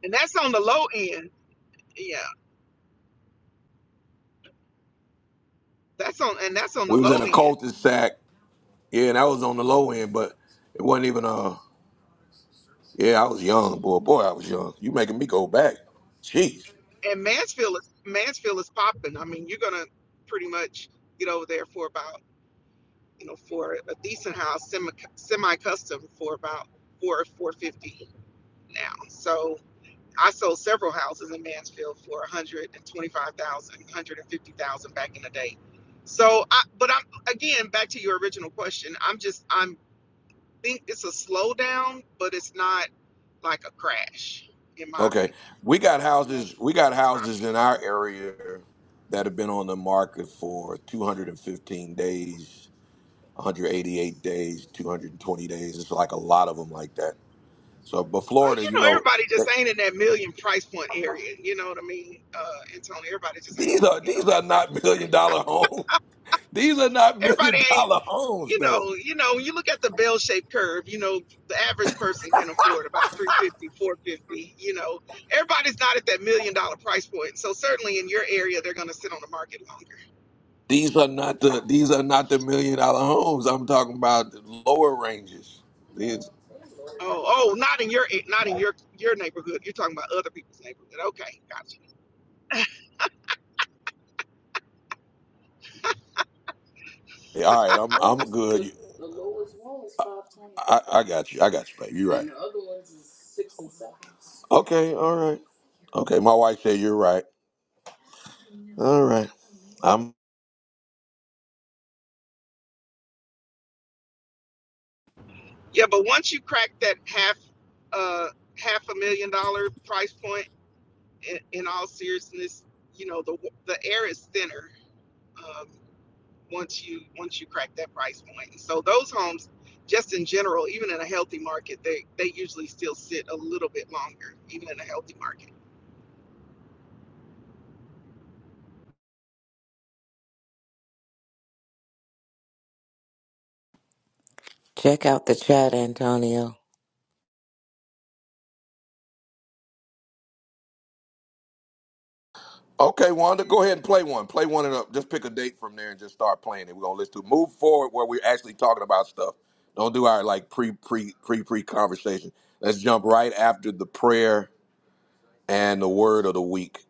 Speaker 7: and that's on the low end. Yeah, that's on and that's on the
Speaker 1: We was
Speaker 7: low
Speaker 1: in a
Speaker 7: end.
Speaker 1: cul-de-sac. Yeah, and I was on the low end, but it wasn't even uh yeah, I was young, boy. Boy, I was young. You making me go back. Jeez.
Speaker 7: And Mansfield is Mansfield is popping. I mean, you're gonna pretty much get over there for about you know, for a decent house, semi semi custom for about four four fifty now. So I sold several houses in Mansfield for 125,000, 150,000 back in the day. So I but I'm again back to your original question. I'm just I'm think it's a slowdown, but it's not like a crash in my
Speaker 1: Okay.
Speaker 7: opinion.
Speaker 1: We got
Speaker 7: And
Speaker 1: houses
Speaker 7: that's,
Speaker 1: we got
Speaker 7: that's my
Speaker 1: houses
Speaker 7: opinion.
Speaker 1: in our area that have been on the market for 215 days, 188 days, 220 days. It's like a lot of them like that. So, but
Speaker 7: Uh,
Speaker 1: Florida,
Speaker 7: you
Speaker 1: you
Speaker 7: know,
Speaker 1: know,
Speaker 7: everybody
Speaker 1: th-
Speaker 7: just ain't in that million price point area. You know what I mean, uh, Antonio? Everybody just ain't
Speaker 1: these
Speaker 7: in
Speaker 1: are
Speaker 7: you know
Speaker 1: these are
Speaker 7: that price.
Speaker 1: not million dollar homes. [laughs] These are not
Speaker 7: Everybody
Speaker 1: million
Speaker 7: ain't.
Speaker 1: dollar homes
Speaker 7: you
Speaker 1: though.
Speaker 7: know, you know, when you look at the bell-shaped curve, you know, the average person can afford about 350, 450. you know. Everybody's not at that million dollar price point. So certainly in your area they're going to sit on the market longer.
Speaker 1: These are not the these are not the million dollar homes. I'm talking about the lower ranges. These,
Speaker 7: Oh, oh, not in your not in your your neighborhood. You're talking about other people's neighborhood. Okay, gotcha.
Speaker 1: all right, I'm I'm good. The lowest one is five twenty. I, I got you. I got you, baby. You're right. And the other ones is six and seven. Okay, all right. Okay, my wife said you're right. All right. I'm
Speaker 7: Yeah, but once you crack that half uh half a million dollar price point in, in all seriousness, you know, the the air is thinner. Um, once you once you crack that price point. And so those homes, just in general, even in a healthy market, they they usually still sit a little bit longer, even in a healthy market.
Speaker 6: Check out the chat, Antonio.
Speaker 1: okay, Wanda. Go ahead and play one. Play one and up. Just pick a date from there and just start playing it. We're gonna listen to move forward where we're actually talking about stuff. Don't do our like pre pre pre pre conversation. Let's jump right after the prayer and the word of the week.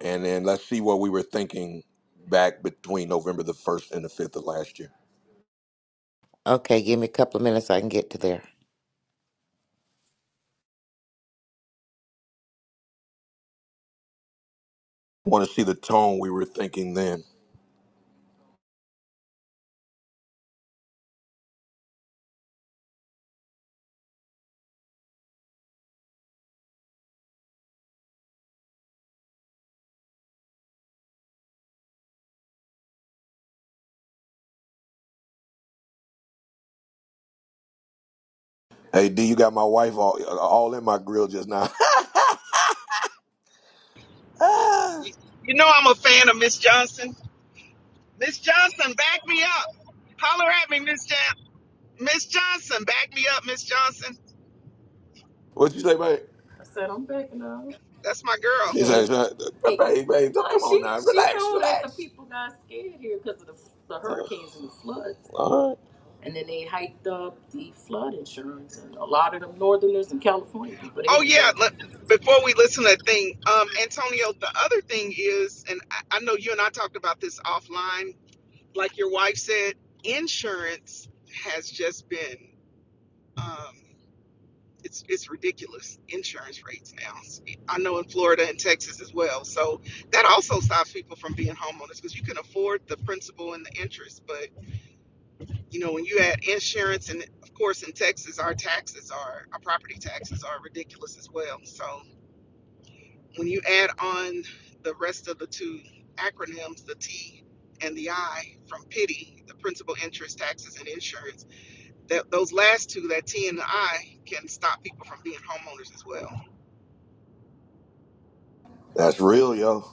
Speaker 1: And then let's see what we were thinking back between November the 1st and the 5th of last year.
Speaker 6: Okay, give me a couple of minutes. I can get to there.
Speaker 1: Want to see the tone we were thinking then. Hey, D, you got my wife all, all in my grill just now. [laughs] Ah,
Speaker 7: You, you know I'm a fan of Miss Johnson. Miss Johnson, back me up. Holler at me, Miss Jan- Miss Johnson, back me up, Miss Johnson.
Speaker 1: what you say, babe?
Speaker 7: That's my girl.
Speaker 1: She says, uh, babe, babe, babe, come on now, relax, relax. People got scared here because of the, the hurricanes and the floods. All right.
Speaker 7: Oh yeah. Let, before we listen to that thing, um, Antonio, the other thing is, and I, I know you and I talked about this offline, like your wife said, insurance has just been Um, it's it's ridiculous insurance rates now. I know in Florida and Texas as well. So that also stops people from being homeowners because you can afford the principal and the interest, but you know when you add insurance and of course in Texas our taxes are our property taxes are ridiculous as well. So when you add on the rest of the two acronyms, the T and the I from pity, the principal interest taxes and insurance that those last two, that T and the I, can stop people from being homeowners as well.
Speaker 1: That's real, yo.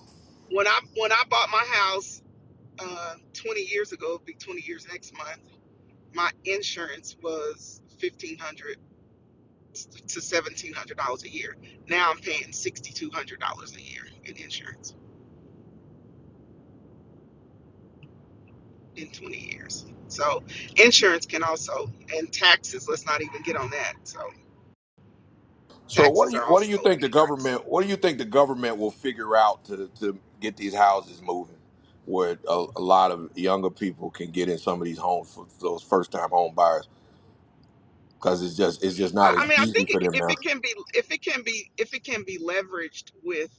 Speaker 7: When I when I bought my house uh, 20 years ago, it'll be 20 years next month. My insurance was 1500 to 1700 dollars a year. Now I'm paying 6200 dollars a year in insurance in 20 years. So insurance can also and taxes. Let's not even get on that. So
Speaker 1: So what
Speaker 7: taxes
Speaker 1: do you
Speaker 7: are
Speaker 1: what do
Speaker 7: also
Speaker 1: you
Speaker 7: a
Speaker 1: think the
Speaker 7: hindrance.
Speaker 1: government what do you think the government will figure out to to get these houses moving, where a, a lot of younger people can get in some of these homes for those first time home buyers because it's just it's just
Speaker 7: I
Speaker 1: not
Speaker 7: I
Speaker 1: as
Speaker 7: mean, I
Speaker 1: easy
Speaker 7: think it,
Speaker 1: for them
Speaker 7: if
Speaker 1: now.
Speaker 7: it can be, if it can be, if it can be leveraged with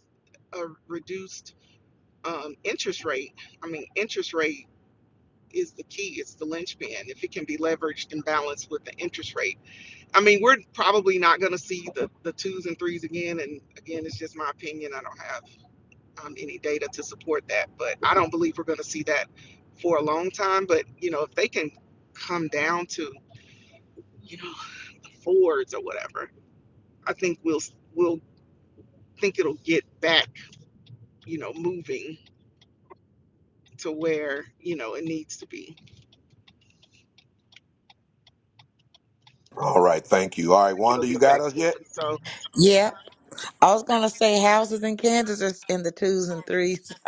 Speaker 7: a reduced um, interest rate, I mean, interest rate is the key. It's the linchpin. If it can be leveraged and balanced with the interest rate, I mean, we're probably not going to see the the twos and threes again. And again, it's just my opinion. I don't have um, any data to support that, but I don't believe we're going to see that for a long time. But you know, if they can come down to you know fours or whatever, I think we'll we'll think it'll get back, you know, moving to where, you know, it needs to be.
Speaker 1: All right, thank you. All right,
Speaker 7: It'll
Speaker 1: Wanda, you
Speaker 7: get
Speaker 1: got
Speaker 7: back
Speaker 1: us yet?
Speaker 7: moving. So
Speaker 6: Yep. I was gonna say houses in Kansas is in the twos and threes. [laughs]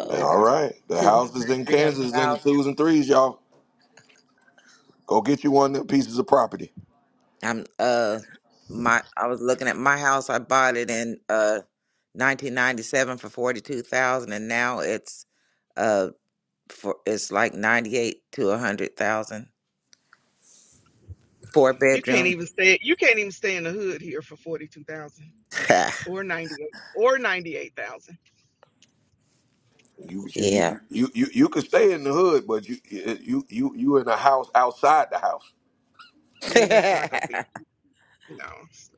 Speaker 6: Oh, the
Speaker 1: All
Speaker 6: two
Speaker 1: right, the
Speaker 6: two
Speaker 1: houses
Speaker 6: hundred and
Speaker 1: in
Speaker 6: three hundred
Speaker 1: Kansas is in the
Speaker 6: thousand.
Speaker 1: twos and threes, y'all. Go get you one of them pieces of property.
Speaker 6: I'm uh my I was looking at my house. I bought it in uh 1997 for forty two thousand, and now it's uh for it's like ninety eight to a hundred thousand. Four
Speaker 7: you can't
Speaker 6: bedroom.
Speaker 7: even stay you can't even stay in the hood here for forty two thousand
Speaker 6: [laughs]
Speaker 7: or ninety eight or ninety eight thousand.
Speaker 1: You you you
Speaker 6: yeah.
Speaker 1: you you, you can stay in the hood, but you you you you in a house outside the house.
Speaker 7: Yeah, it's not gonna be
Speaker 6: [laughs]
Speaker 7: you know,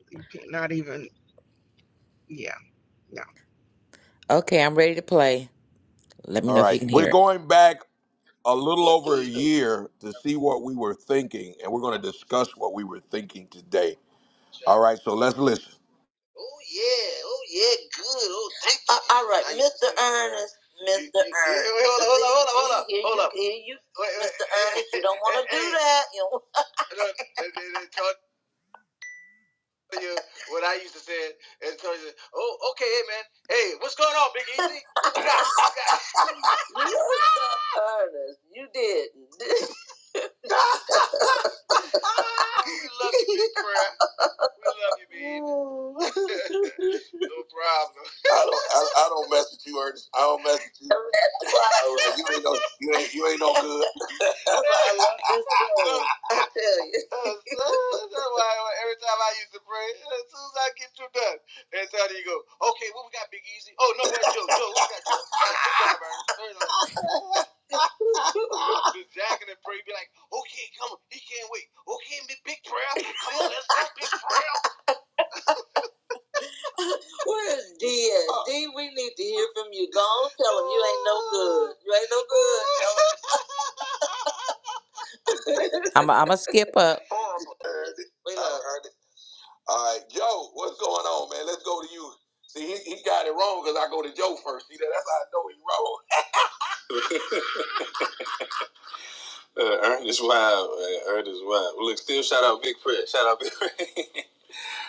Speaker 7: you can't not even yeah, no.
Speaker 6: okay, I'm ready to play. Let me
Speaker 1: All
Speaker 6: know if you
Speaker 1: right,
Speaker 6: can
Speaker 1: we're
Speaker 6: hear it.
Speaker 1: going back a little
Speaker 6: Yeah,
Speaker 1: over a
Speaker 6: please do.
Speaker 1: year to see what we were thinking, and we're going to discuss what we were thinking today. All
Speaker 6: Oh
Speaker 1: right, so let's listen.
Speaker 6: yeah, oh yeah, good. Oh, thank you. Uh, all right, Now you- Mr. Ernest, Mr. Wait, wait, Ernest. Wait, hold up, hold up, hold up, hold up. Hold up. Here you, here you- Wait, wait. Mr. Ernest, you don't want to do that. You don't- [laughs] Look, they- they- they told you what I used to say. And told you, oh, okay, hey man, hey, what's going on, Big Easy? [laughs] What you got? What you got? [laughs] You're so Ernest, you did. [laughs] [laughs] Ah, we love you, big prayer. We love you, baby. [laughs] no problem. I don't. I, I don't mess with you, Ernest. I don't mess with you. [laughs] All right, You ain't no. You ain't. You ain't no good. [laughs] I tell you. [laughs] That's why every time I used to pray, as soon as I get you done, and so you go, okay, what well, we got, Big Easy? Oh no, that's Joe. Joe, we got, Joe? All right, good job, Ernest. Turn Just jacking and pray, be like, okay, come on, he can't wait. Okay, big big prayer, come on, let's go, big prayer. [laughs] Where is D? at? Oh. D, we need to hear from you. Go on, tell him you ain't no good. You ain't no good. [laughs] I'm a, I'm a skip up. [laughs] Horrible. right, all right, Joe, what's going on, man? Let's go to you. See, he, he got it wrong because I go to Joe first. See, that, that's how I know he wrong. [laughs] uh, Ernest Wild, uh, Ernest Wild. Well, look, still shout out Big Fred. Shout out Big Fred.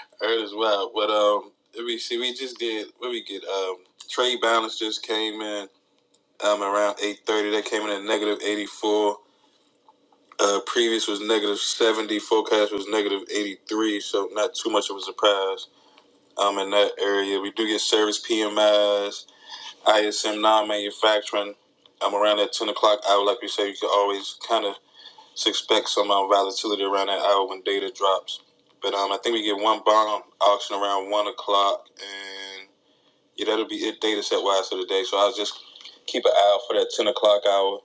Speaker 6: [laughs] Ernest Wild. But um, let me see. We just did. What we get? Um, trade balance just came in. um, around 8.30. That came in at negative 84. Uh, previous was negative 70. Forecast was negative 83, so not too much of a surprise um, in that area. We do get service PMIs, ISM non-manufacturing. Um, around that 10 o'clock hour, like we say, you can always kind of expect some um, volatility around that hour when data drops. But um, I think we get one bond auction around 1 o'clock, and yeah, that'll be it data set-wise for the day. So I'll just keep an eye out for that 10 o'clock hour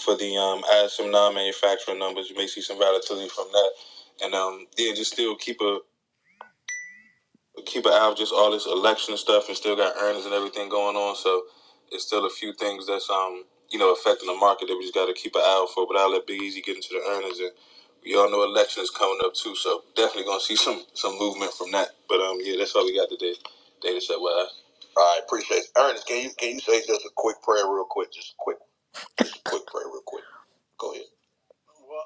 Speaker 6: for the um, add some non-manufacturing numbers. You may see some volatility from that, and um, yeah, just still keep a keep an eye out just all this election stuff, and still got earnings and everything going on. So it's still a few things that's um you know affecting the market that we just got to keep an eye out for. But I'll let Big Easy get into the earnings, and we all know election is coming up too, so definitely gonna see some some movement from that. But um, yeah, that's all we got today. Data set wise. All right, appreciate it. Ernest, can you can you say just a quick prayer real quick? Just a quick quick prayer real quick. Go ahead. Why?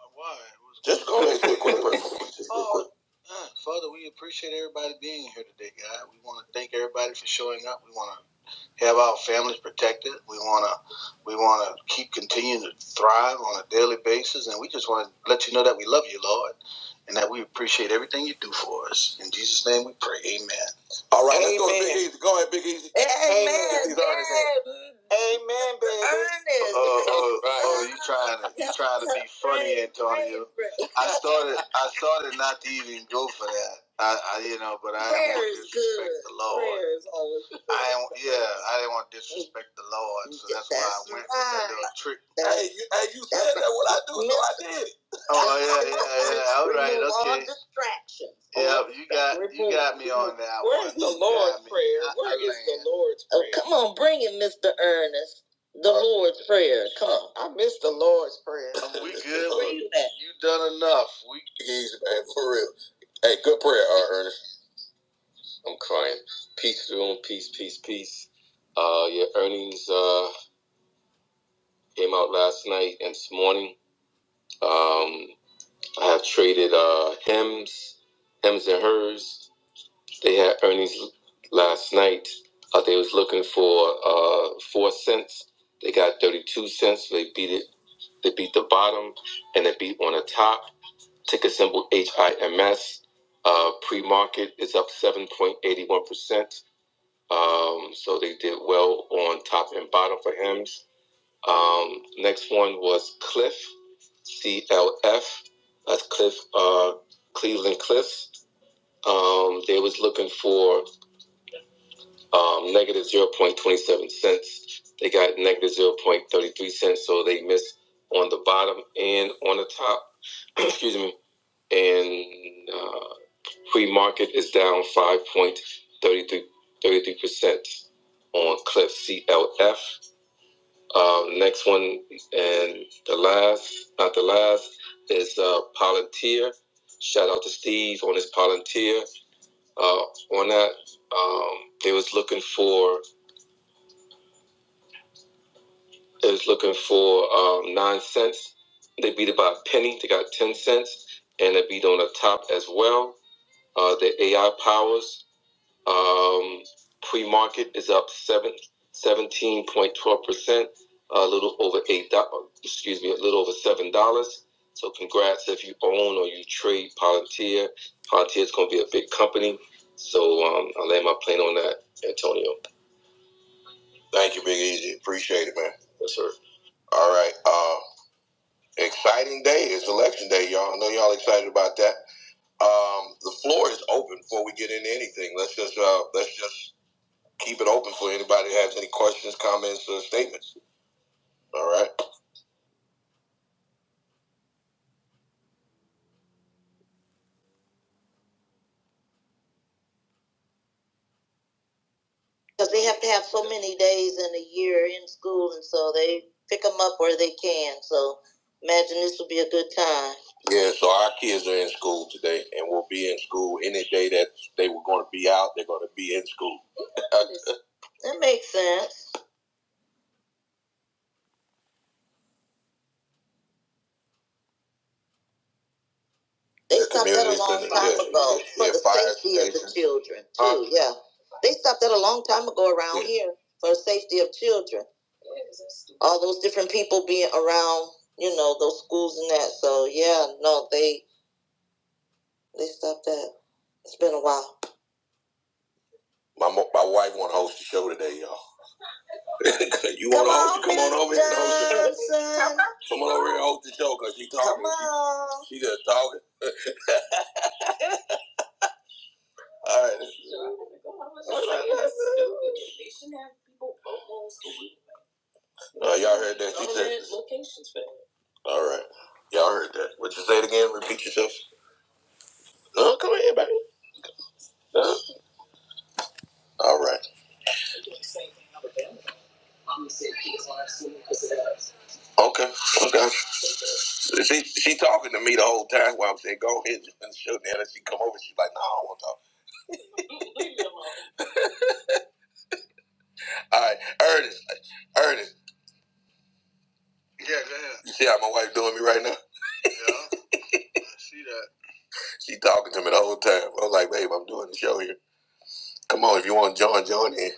Speaker 6: Just go ahead, quick, quick, quick, quick, [laughs] just Oh, quick. uh, Father, we appreciate everybody being here today, God. We want to thank everybody for showing up. We want to have our families protected. We want to we want to keep continuing to thrive on a daily basis, and we just want to let you know that we love you, Lord, and that we appreciate everything you do for us. In Jesus' name, we pray. Amen. All right, amen. let's go to Big Easy. Go ahead, Big Easy. Amen. Get these Ernest. oh, oh, oh, oh, you trying to you trying to be funny, Antonio? I started I started not to even go for that. I, I you know, but I didn't want to disrespect the Lord. I didn't, yeah, I didn't want to disrespect the Lord, so that's, why I went with that little trick. Hey, you said that what I do? No, Oh yeah, yeah, yeah. All right, Remove all okay. distractions. Yep, you got you got me on that one. Where's the Lord's Prayer? Where is the land. Lord's prayer? Oh, come on, bring it, Mr. Ernest. The Lord's Prayer. Come on. I miss the Lord's Prayer. [laughs] We good? Where you at? You done enough. We He's man, for real. Hey, good prayer, uh, Ernest. I'm crying. Peace, room. Peace, peace, peace. Uh, your earnings uh, came out last night and this morning. Um, I have traded uh, Hems, Hems and Hers. They had earnings last night. Uh, they was looking for uh, four cents. They got thirty-two cents. They beat it. They beat the bottom, and they beat on the top. Ticker symbol HIMS. Uh, pre-market is up seven point eighty-one percent. Um, so they did well on top and bottom for Hems. Um, next one was Cliff, C L F. That's Cliff, uh, Cleveland Cliffs. Um, they was looking for um, negative zero point twenty seven cents. They got negative zero point thirty three cents, so they missed on the bottom and on the top. [clears throat] Excuse me. And uh, free market is down five point thirty three thirty three percent on Cliff CLF. Uh, next one, and the last, not the last, is uh, Palantir. Shout out to Steve on his Palantir. Uh, on that, um, they was looking for they was looking for um, nine cents. They beat it by a penny. They got ten cents, and they beat on the top as well. Uh, the AI powers. Um, pre-market is up seventeen point twelve percent, a little over eight dollars. Excuse me, a little over seven dollars. So congrats if you own or you trade Palantir. Palantir is going to be a big company. So um, I land my plane on that, Antonio. Thank you, Big Easy. Appreciate it, man. Yes, sir. All right. Uh, exciting day. It's election day, y'all. I know y'all excited about that. Um, the floor is open before we get into anything. Let's just uh, let's just keep it open for anybody that has any questions, comments, or statements. All right. Because they have to have so many days in a year in school, and so they pick them up where they can. So imagine this will be a good time. Yeah, so our kids are in school today, and will be in school any day that they were going to be out. They're going to be in school. That makes sense. They stopped that a long time ago for the safety of the children too. Huh? Yeah, they stopped that a long time ago around Yeah. here for the safety of children. All those different people being around, you know, those schools and that. So yeah, no, they they stopped that. It's been a while. My mo- my wife want to host the show today, y'all. [laughs] you want to host? Come on over here and host the show. Come on over here and host the show because she talking. Come on. She, she just talking. All right. All right. Uh, y'all heard that right? yourself. Huh? Huh? All right. Okay. Okay. All right. Ernest. Ernest. Yeah, go ahead. You see how my wife doing me right now? Yeah, [laughs] see that. She talking to me the whole time. I was like, babe, I'm doing the show here. Come on, if you want to join, join in.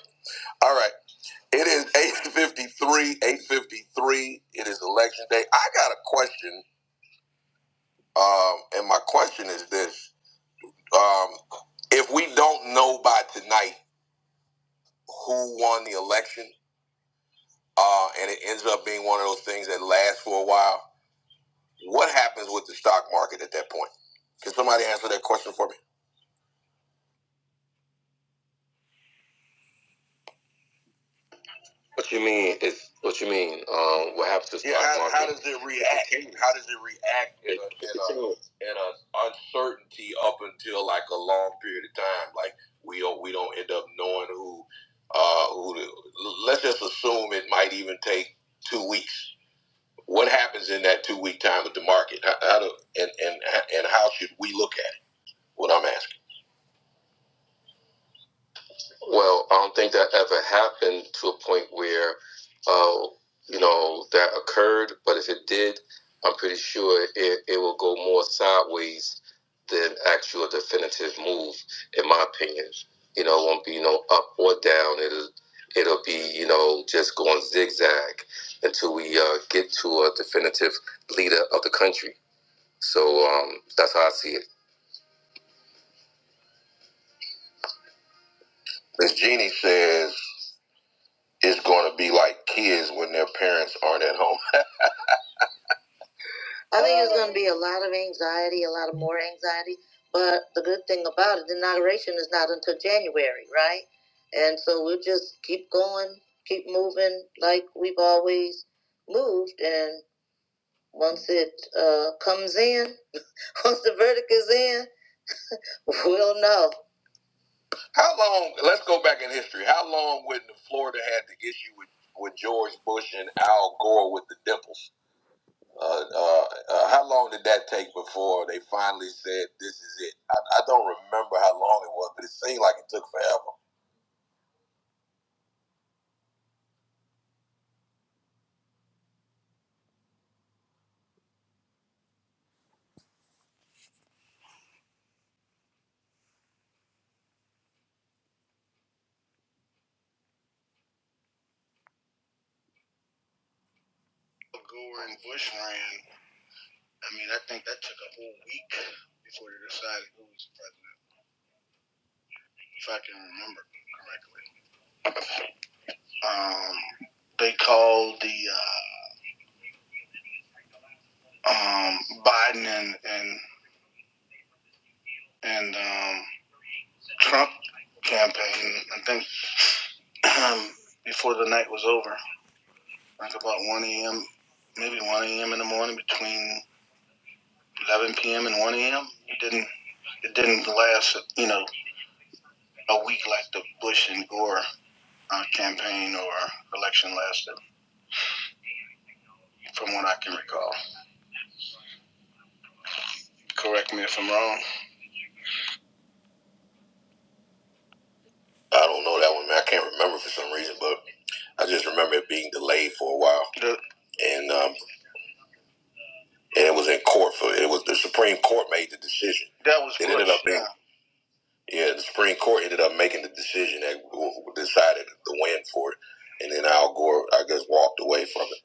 Speaker 6: All right. It is 853, 853. It is election day. I got a question. Um, and my question is this. Um, if we don't know by tonight who won the election, uh, and it ends up being one of those things that lasts for a while. What happens with the stock market at that point? Can somebody answer that question for me? What you mean is what you mean? Um, what happens to the Yeah, stock how, market? how does it react? How does it react in a, in a in a uncertainty up until like a long period of time? Like we don't we don't end up knowing who uh who. The, let's just assume it might even take two weeks. What happens in that two week time with the market? How, how do and and and how should we look at it? What I'm asking. Well, I don't think that ever happened to a point where, uh, you know, that occurred. But if it did, I'm pretty sure it, it will go more sideways than actual definitive move, in my opinion. You know, it won't be no up or down. It'll it'll be you know just going zigzag until we uh, get to a definitive leader of the country. So um, that's how I see it. Miss Jeannie says it's going to be like kids when their parents aren't at home. I think it's going to be a lot of anxiety, a lot of more anxiety. But the good thing about it, the inauguration is not until January, right? And so we'll just keep going, keep moving like we've always moved. And once it uh, comes in, [laughs] once the verdict is in, we'll know. How long? Let's go back in history. How long when Florida had the issue with with George Bush and Al Gore with the dimples? Uh, uh, uh, how long did that take before they finally said this is it? I, I don't remember how long it was, but it seemed like it took forever. Gore and Bush ran. I mean, I think that took a whole week before they decided who was the president, if I can remember correctly. Um, they called the uh, um, Biden and and and um, Trump campaign. I think [clears throat] um, before the night was over. like about 1 a.m., maybe 1 a.m. in the morning between 11 p.m. and 1 a.m. It didn't, it didn't last, you know, a week like the Bush and Gore uh, campaign or election lasted, from what I can recall. Correct me if I'm wrong. I don't know that one, man. I can't remember for some reason, but I just remember it being delayed for a while, The, and um, and it was in court for it was the Supreme Court made the decision. that was Bush. It ended Bush, up being yeah. Yeah, the Supreme Court ended up making the decision that decided the win for it, and then Al Gore, I guess, walked away from it.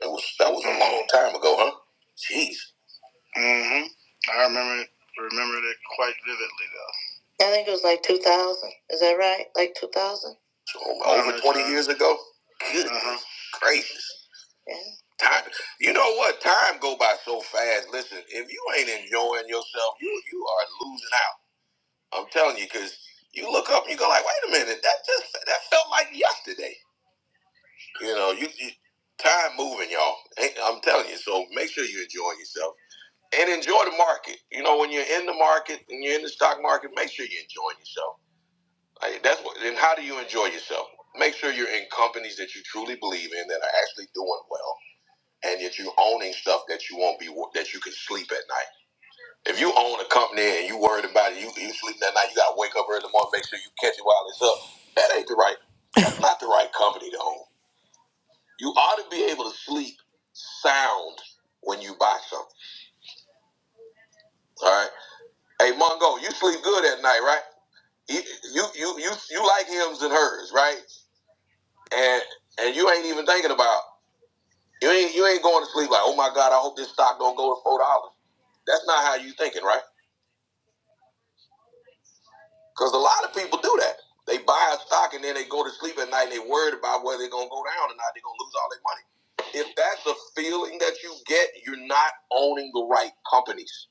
Speaker 6: That was that was a long time ago, huh? Jeez. hmm I remember it, remember it quite vividly, though. I think it was like 2000. Is that right? Like 2000? So, over 20 years ago. Good uh-huh. gracious. Yeah. Time, you know what? Time go by so fast. Listen, if you ain't enjoying yourself, you you are losing out. I'm telling you, because you look up and you go like, wait a minute, that just that felt like yesterday. You know, you, you time moving, y'all. I'm telling you. So make sure you enjoy yourself and enjoy the market. You know, when you're in the market and you're in the stock market, make sure you're enjoying yourself. Like, that's what. And how do you enjoy yourself? Make sure you're in companies that you truly believe in that are actually doing well, and that you're owning stuff that you won't be that you can sleep at night. If you own a company and you worried about it, you you sleep that night, you gotta wake up early in the morning, make sure you catch it while it's up. That ain't the right. That's not the right company to own. You ought to be able to sleep sound when you buy something. All right. Hey Mongo, you sleep good at night, right? You you you you, you like hims and hers, right? And and you ain't even thinking about you ain't you ain't going to sleep like, oh my God, I hope this stock don't go to four dollars. That's not how you thinking, right? Because a lot of people do that. They buy a stock and then they go to sleep at night and they're worried about whether they're going to go down or not. They're going to lose all their money. If that's a feeling that you get, you're not owning the right companies.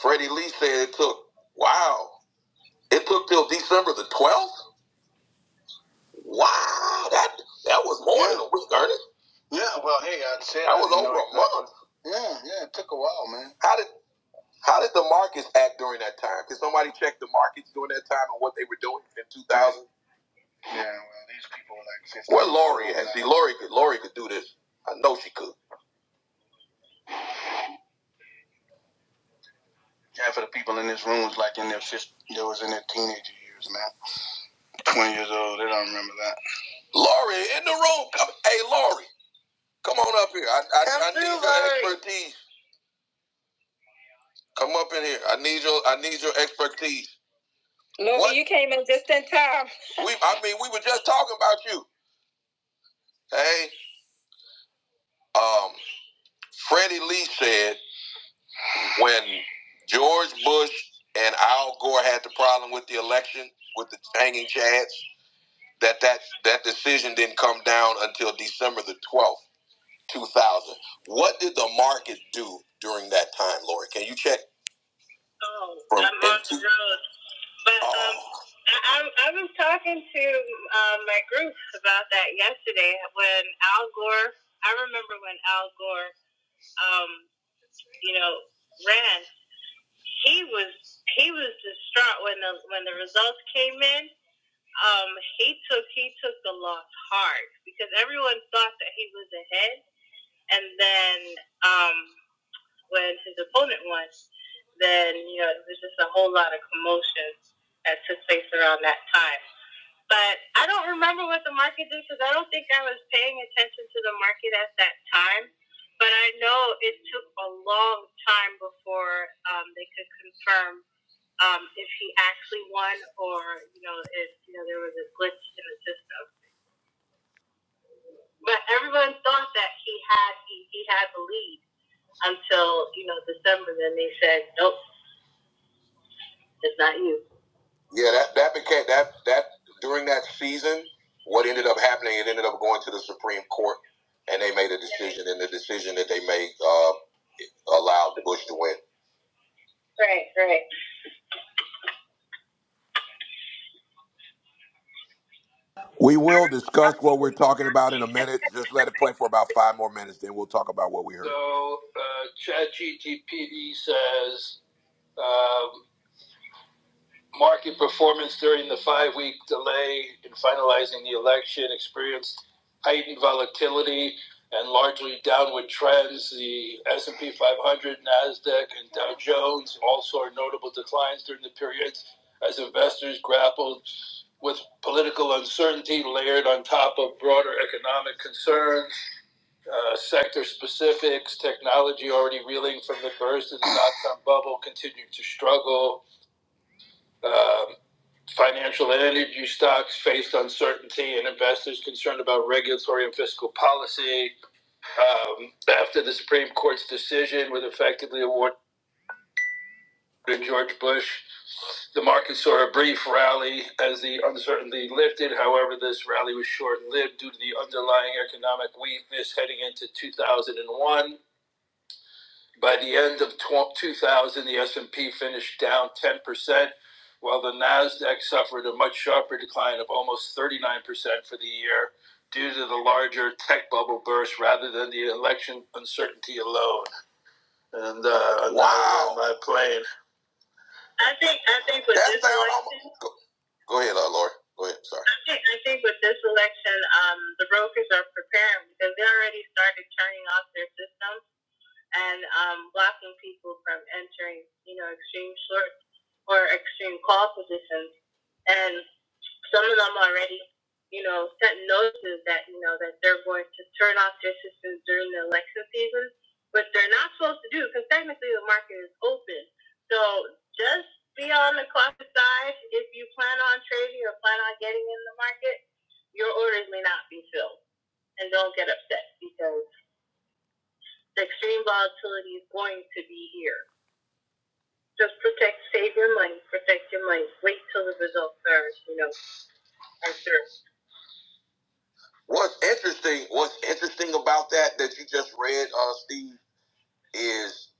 Speaker 6: Freddie Lee said it took, wow, it took till December the 12th? Wow, that that was more yeah. than a week, Ernest. Yeah, well, hey, I said that I was over a month. Yeah, yeah, it took a while, man. How did how did the markets act during that time? Did somebody check the markets during that time and what they were doing in 2000? Yeah, well, these people like 50. Well, Lori had see Lori could Lori could do this. I know she could. Half of the people in this room was like in their 50, they was in their teenager years, man. 20 years old, they don't remember that. Lori in the room. Come, hey, Lori, come on up here. I, I, I need your Lori. expertise. Come up in here. I need your I need your expertise. Louie, you came in just in time. [laughs] we, I mean, we were just talking about you. Hey, um, Freddie Lee said. when George Bush and Al Gore had the problem with the election with the hanging chads, that that that decision didn't come down until December the twelfth, two thousand. What did the market do during that time, Lori? Can you check? Oh, from I'm on the road. But oh. um, I I was talking to um, my group about that yesterday when Al Gore. I remember when Al Gore, um, you know, ran. he was he was distraught when the when the results came in. Um, he took he took the loss hard because everyone thought that he was ahead, and then um, when his opponent won, then you know it was just a whole lot of commotion that took place around that time. But I don't remember what the market did because I don't think I was paying attention to the market at that time. But I know it took a long time before um, they could confirm um, if he actually won or, you know, if you know there was a glitch in the system. But everyone thought that he had he, he had the lead until, you know, December then they said, Nope, it's not you. Yeah, that, that became that that during that season, what ended up happening, it ended up going to the Supreme Court and they made a decision and the decision that they made uh, allowed Bush to win. Right, right.
Speaker 1: We will discuss what we're talking about in a minute. Just let it play for about five more minutes, then we'll talk about what we heard.
Speaker 6: delay in finalizing the election, experienced heightened volatility and largely downward trends. The S&P 500, Nasdaq, and Dow Jones all saw notable declines during the periods as investors grappled with political uncertainty layered on top of broader economic concerns, uh, sector specifics, technology already reeling from the burst of the dot-com bubble continued to struggle, um, financial and energy stocks faced uncertainty and investors concerned about regulatory and fiscal policy. Um, after the Supreme Court's decision would effectively award to George Bush, the market saw a brief rally as the uncertainty lifted. However, this rally was short lived due to the underlying economic weakness heading into 2001. By the end of 2000, the S&P finished down 10%, while the Nasdaq suffered a much sharper decline of almost 39% for the year due to the larger tech bubble burst rather than the election uncertainty alone. And uh, wow. on my plane. I think I think with That this election, go, go ahead, uh, Lori. Go ahead. Sorry. I think, I think with this election, um, the brokers are preparing because they already started turning off their system and um, blocking people from entering, you know, extreme short or extreme call positions. And some of them already, you know, sent notices that, you know, that they're going to turn off their systems during the election season, but they're not supposed to do because technically the market is open. So just be on the cautious side. If you plan on trading or plan on getting in the market, your orders may not be filled. And don't get upset because the extreme volatility is going to be here. Just protect, save your money, protect your money. Wait till the results are, you know, are through. What's interesting, what's interesting about that that you just read, uh, Steve, is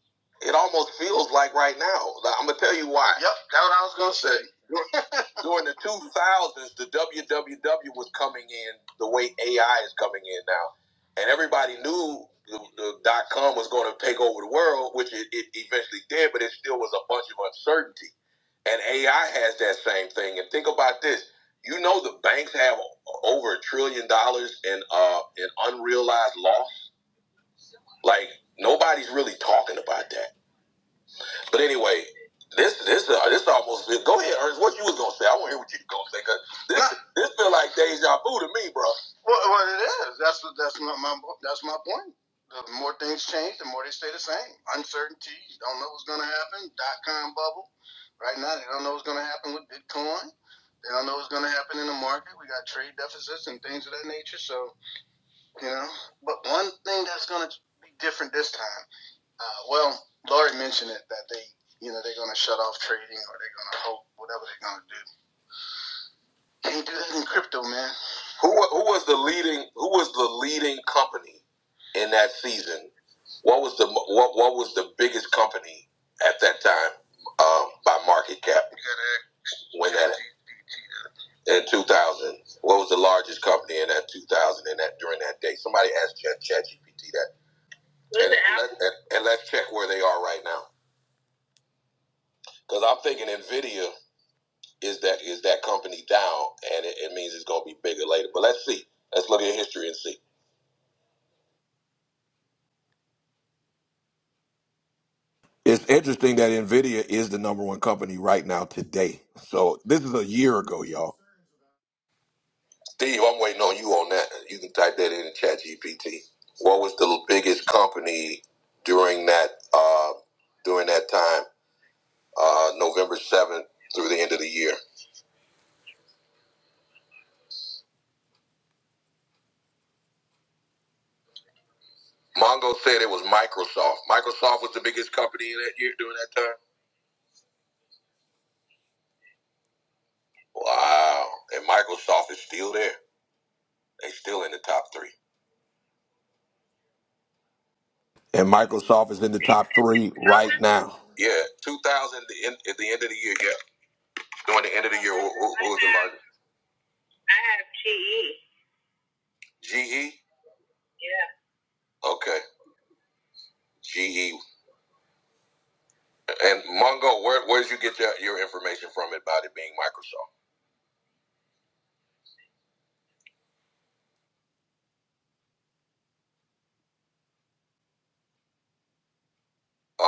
Speaker 6: it almost feels like right now. Like, I'm gonna tell you why. Yep, that's what I was gonna say. during the 2000s, the WWW was coming in the way AI is coming in now. And everybody knew the, the dot com was going to take over the world, which it, it eventually did, but it still was a bunch of uncertainty. And AI has that same thing. And think about this you know, the banks have over a trillion dollars in, uh, in unrealized loss. Like, nobody's really talking about that but anyway, this this uh, this almost go ahead, Ernest. What you was gonna say? I want to hear what you was gonna say because this Nah. this feel like deja vu to me, bro. Well, well it is. That's what that's my, my that's my point. The more things change, the more they stay the same. Uncertainty. You don't know what's gonna happen. Dot com bubble. Right now, they don't know what's gonna happen with Bitcoin. They don't know what's gonna happen in the market. We got trade deficits and things of that nature. So you know, but one thing that's gonna be different this time. Uh, well, Laurie mentioned it that they, you know, they're going to shut off trading or they're going to hold whatever they're going to do. Can't do that in crypto, man. Who who was the leading who was the leading company in that season? What was the what what was the biggest company at that time um, by market cap when that in two thousand? What was the largest company in that two thousand in that during that day? Somebody asked Chat ChatGPT that. Was and, let, and, and let's check where they are right now because I'm thinking Nvidia is that is that company down, and it, it means it's going to be bigger later. But let's see. Let's look at history and see.
Speaker 1: It's interesting that NVIDIA is the number one company right now today. So this is a year ago, y'all.
Speaker 6: Steve, I'm waiting on you on that. You can type that in the chat GPT. What was the biggest company during that uh, during that time, uh, November 7th through the end of the year? Mongo said it was Microsoft. Microsoft was the biggest company in that year during that time. Wow. And Microsoft is still there. They still in the top three.
Speaker 1: And Microsoft is in the top three right now.
Speaker 6: Yeah, 2000 at the end of the year. Yeah. During the end of the year, who, who, who was the largest? I have GE. GE? Yeah. Okay. GE. And Mongo, where, where did you get your, your information from about it being Microsoft?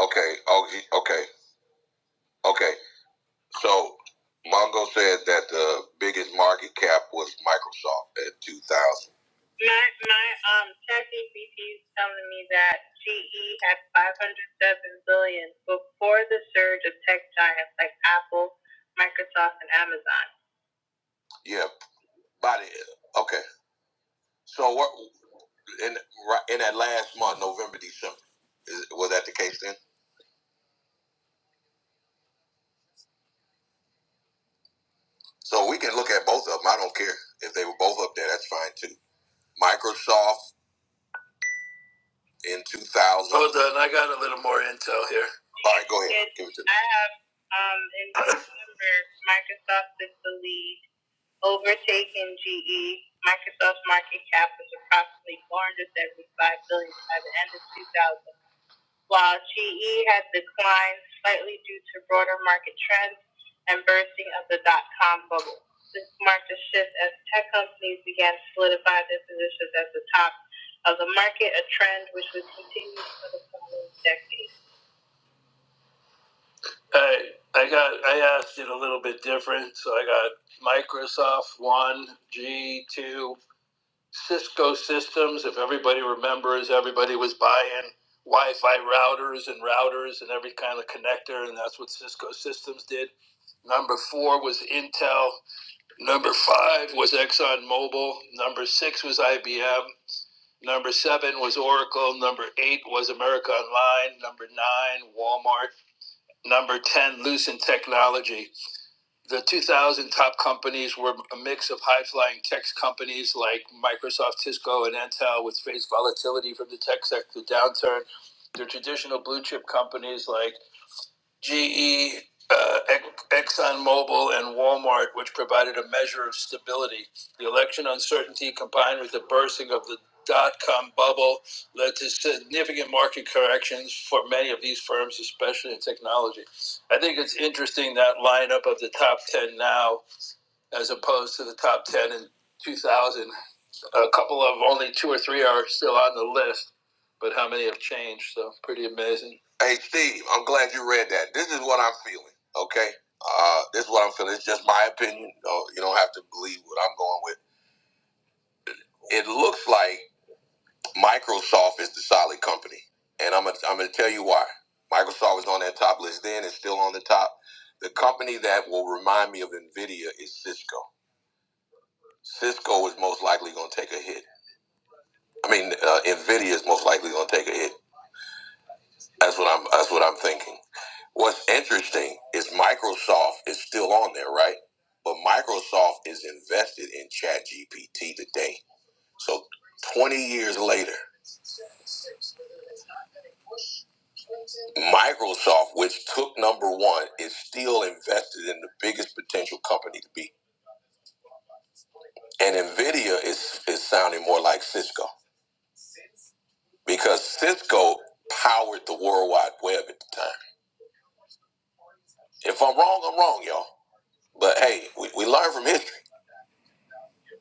Speaker 6: Okay. Oh, okay. Okay. So Mongo said that the biggest market cap was Microsoft at 2000. My, my um, ChatGPT is telling me that GE had 507 billion before the surge of tech giants like Apple, Microsoft, and Amazon. Yeah, Body. Okay. So what in right in that last month, November, December, is, was that the case then? So we can look at both of them. I don't care if they were both up there. That's fine too. Microsoft in 2000. Hold on, I got a little more intel here. All right, go ahead. Yes, Give it to me. I have um, in December, Microsoft is the lead, overtaking GE. Microsoft's market cap is approximately 475 billion by the end of 2000. while GE has declined slightly due to broader market trends and bursting of the dot-com bubble. This marked a shift as tech companies began to solidify their positions at the top of the market, a trend which would continue for the following decade. I, I got I asked it a little bit different, so I got Microsoft one, G two, Cisco systems, if everybody remembers, everybody was buying Wi Fi routers and routers and every kind of connector, and that's what Cisco systems did. Number four was Intel. Number five was ExxonMobil. Number six was IBM. Number seven was Oracle. Number eight was America Online. Number nine, Walmart. Number 10, Lucent Technology the 2000 top companies were a mix of high flying tech companies like Microsoft, Cisco, and Intel, which faced volatility from the tech sector downturn. The traditional blue chip companies like GE, uh, Ex- ExxonMobil, and Walmart, which provided a measure of stability. The election uncertainty combined with the bursting of the dot com bubble led to significant market corrections for many of these firms, especially in technology. I think it's interesting that lineup of the top 10 now as opposed to the top 10 in 2000. A couple of only two or three are still on the list, but how many have changed? So pretty amazing. Hey Steve, I'm glad you read that. This is what I'm feeling. Okay, uh, this is what I'm feeling. It's just my opinion. Oh, you don't have to believe what I'm going with. It looks like Microsoft is the solid company, and I'm gonna I'm gonna tell you why. Microsoft was on that top list then; it's still on the top. The company that will remind me of Nvidia is Cisco. Cisco is most likely going to take a hit. I mean, uh, Nvidia is most likely going to take a hit. That's what I'm. That's what I'm thinking. What's interesting is Microsoft is still on there, right? But Microsoft is invested in ChatGPT today. So 20 years later, Microsoft, which took number one, is still invested in the biggest potential company to be. And Nvidia is is sounding more like Cisco because Cisco powered the World Wide Web at the time. If I'm wrong, I'm wrong, y'all. But hey, we, we learn from history.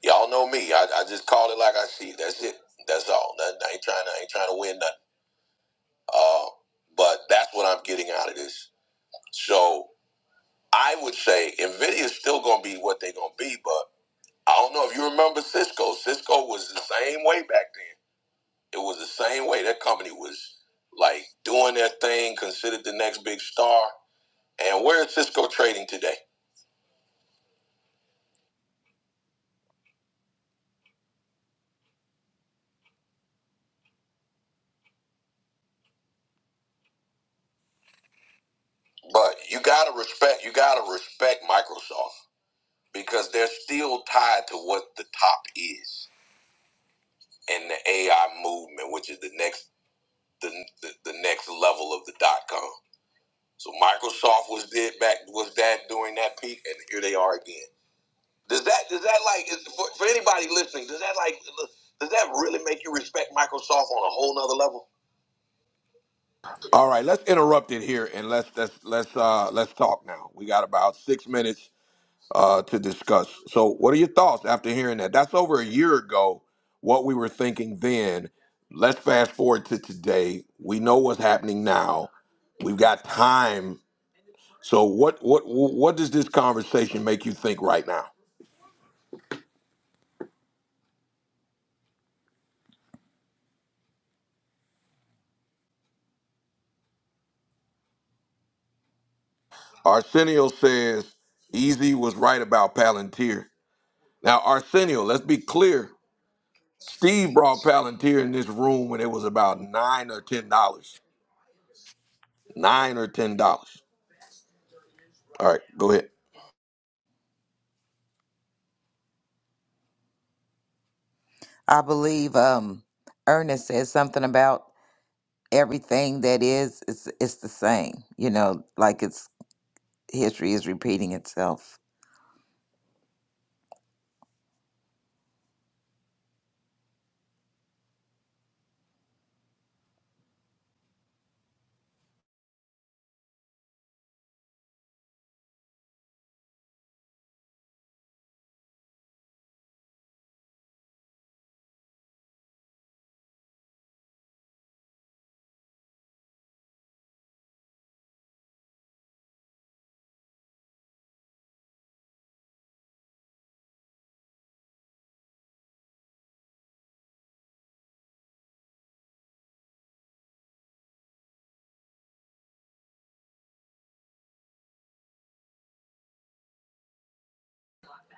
Speaker 6: Y'all know me. I, I just call it like I see it. That's it. That's all. Nothing. I ain't trying to. I ain't trying to win nothing. Uh, but that's what I'm getting out of this. So I would say Nvidia is still going to be what they're going to be. But I don't know if you remember Cisco. Cisco was the same way back then. It was the same way. That company was like doing their thing, considered the next big star. And where is Cisco trading today? But you gotta respect. You gotta respect Microsoft. because they're still tied to what the top is and the AI movement, which is the next the, the, the next level of the dot com. So Microsoft was did back was that during that peak, and here they are again. Does that does that like is- for, for anybody listening? Does that like does that really make you respect Microsoft on a whole nother level?
Speaker 1: All right, let's interrupt it here and let's let's let's uh let's talk now. We got about six minutes uh, to discuss. So, what are your thoughts after hearing that? That's over a year ago, what we were thinking then. Let's fast forward to today. We know what's happening now. We've got time. So, what what what does this conversation make you think right now? Arsenio says Easy was right about Palantir. Now, Arsenio, let's be clear. Steve brought Palantir in this room when it was about nine or ten dollars. Nine or ten dollars. All right, go ahead.
Speaker 6: I believe um, Ernest said something about everything that is, it's, it's the same. You know, like it's history is repeating itself.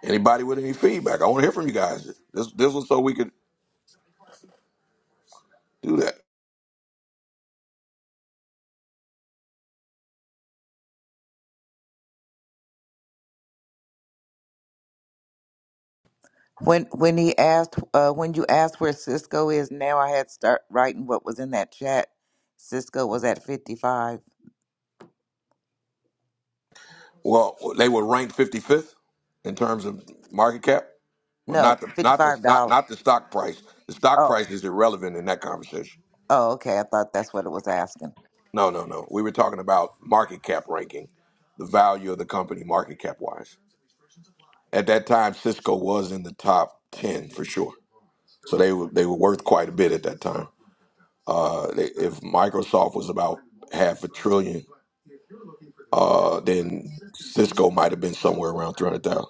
Speaker 1: Anybody with any feedback? I want to hear from you guys. This this was so we could do that.
Speaker 6: When when he asked, uh, when you asked where Cisco is now, I had start writing what was in that chat. Cisco was at fifty five.
Speaker 1: Well, they were ranked 55th in terms of market cap. Well, not
Speaker 6: No,
Speaker 1: the
Speaker 6: fifty
Speaker 1: not the
Speaker 6: five
Speaker 1: not,
Speaker 6: dollars.
Speaker 1: not the stock price. The stock
Speaker 6: Oh,
Speaker 1: price is irrelevant in that conversation.
Speaker 6: oh, okay. I thought that's what it was asking.
Speaker 1: No, no, no. We were talking about market cap ranking, the value of the company market cap wise. At that time, Cisco was in the top 10 for sure. So they were they were worth quite a bit at that time. Uh, they, if Microsoft was about half a trillion, uh, then Cisco might have been somewhere around 300,000.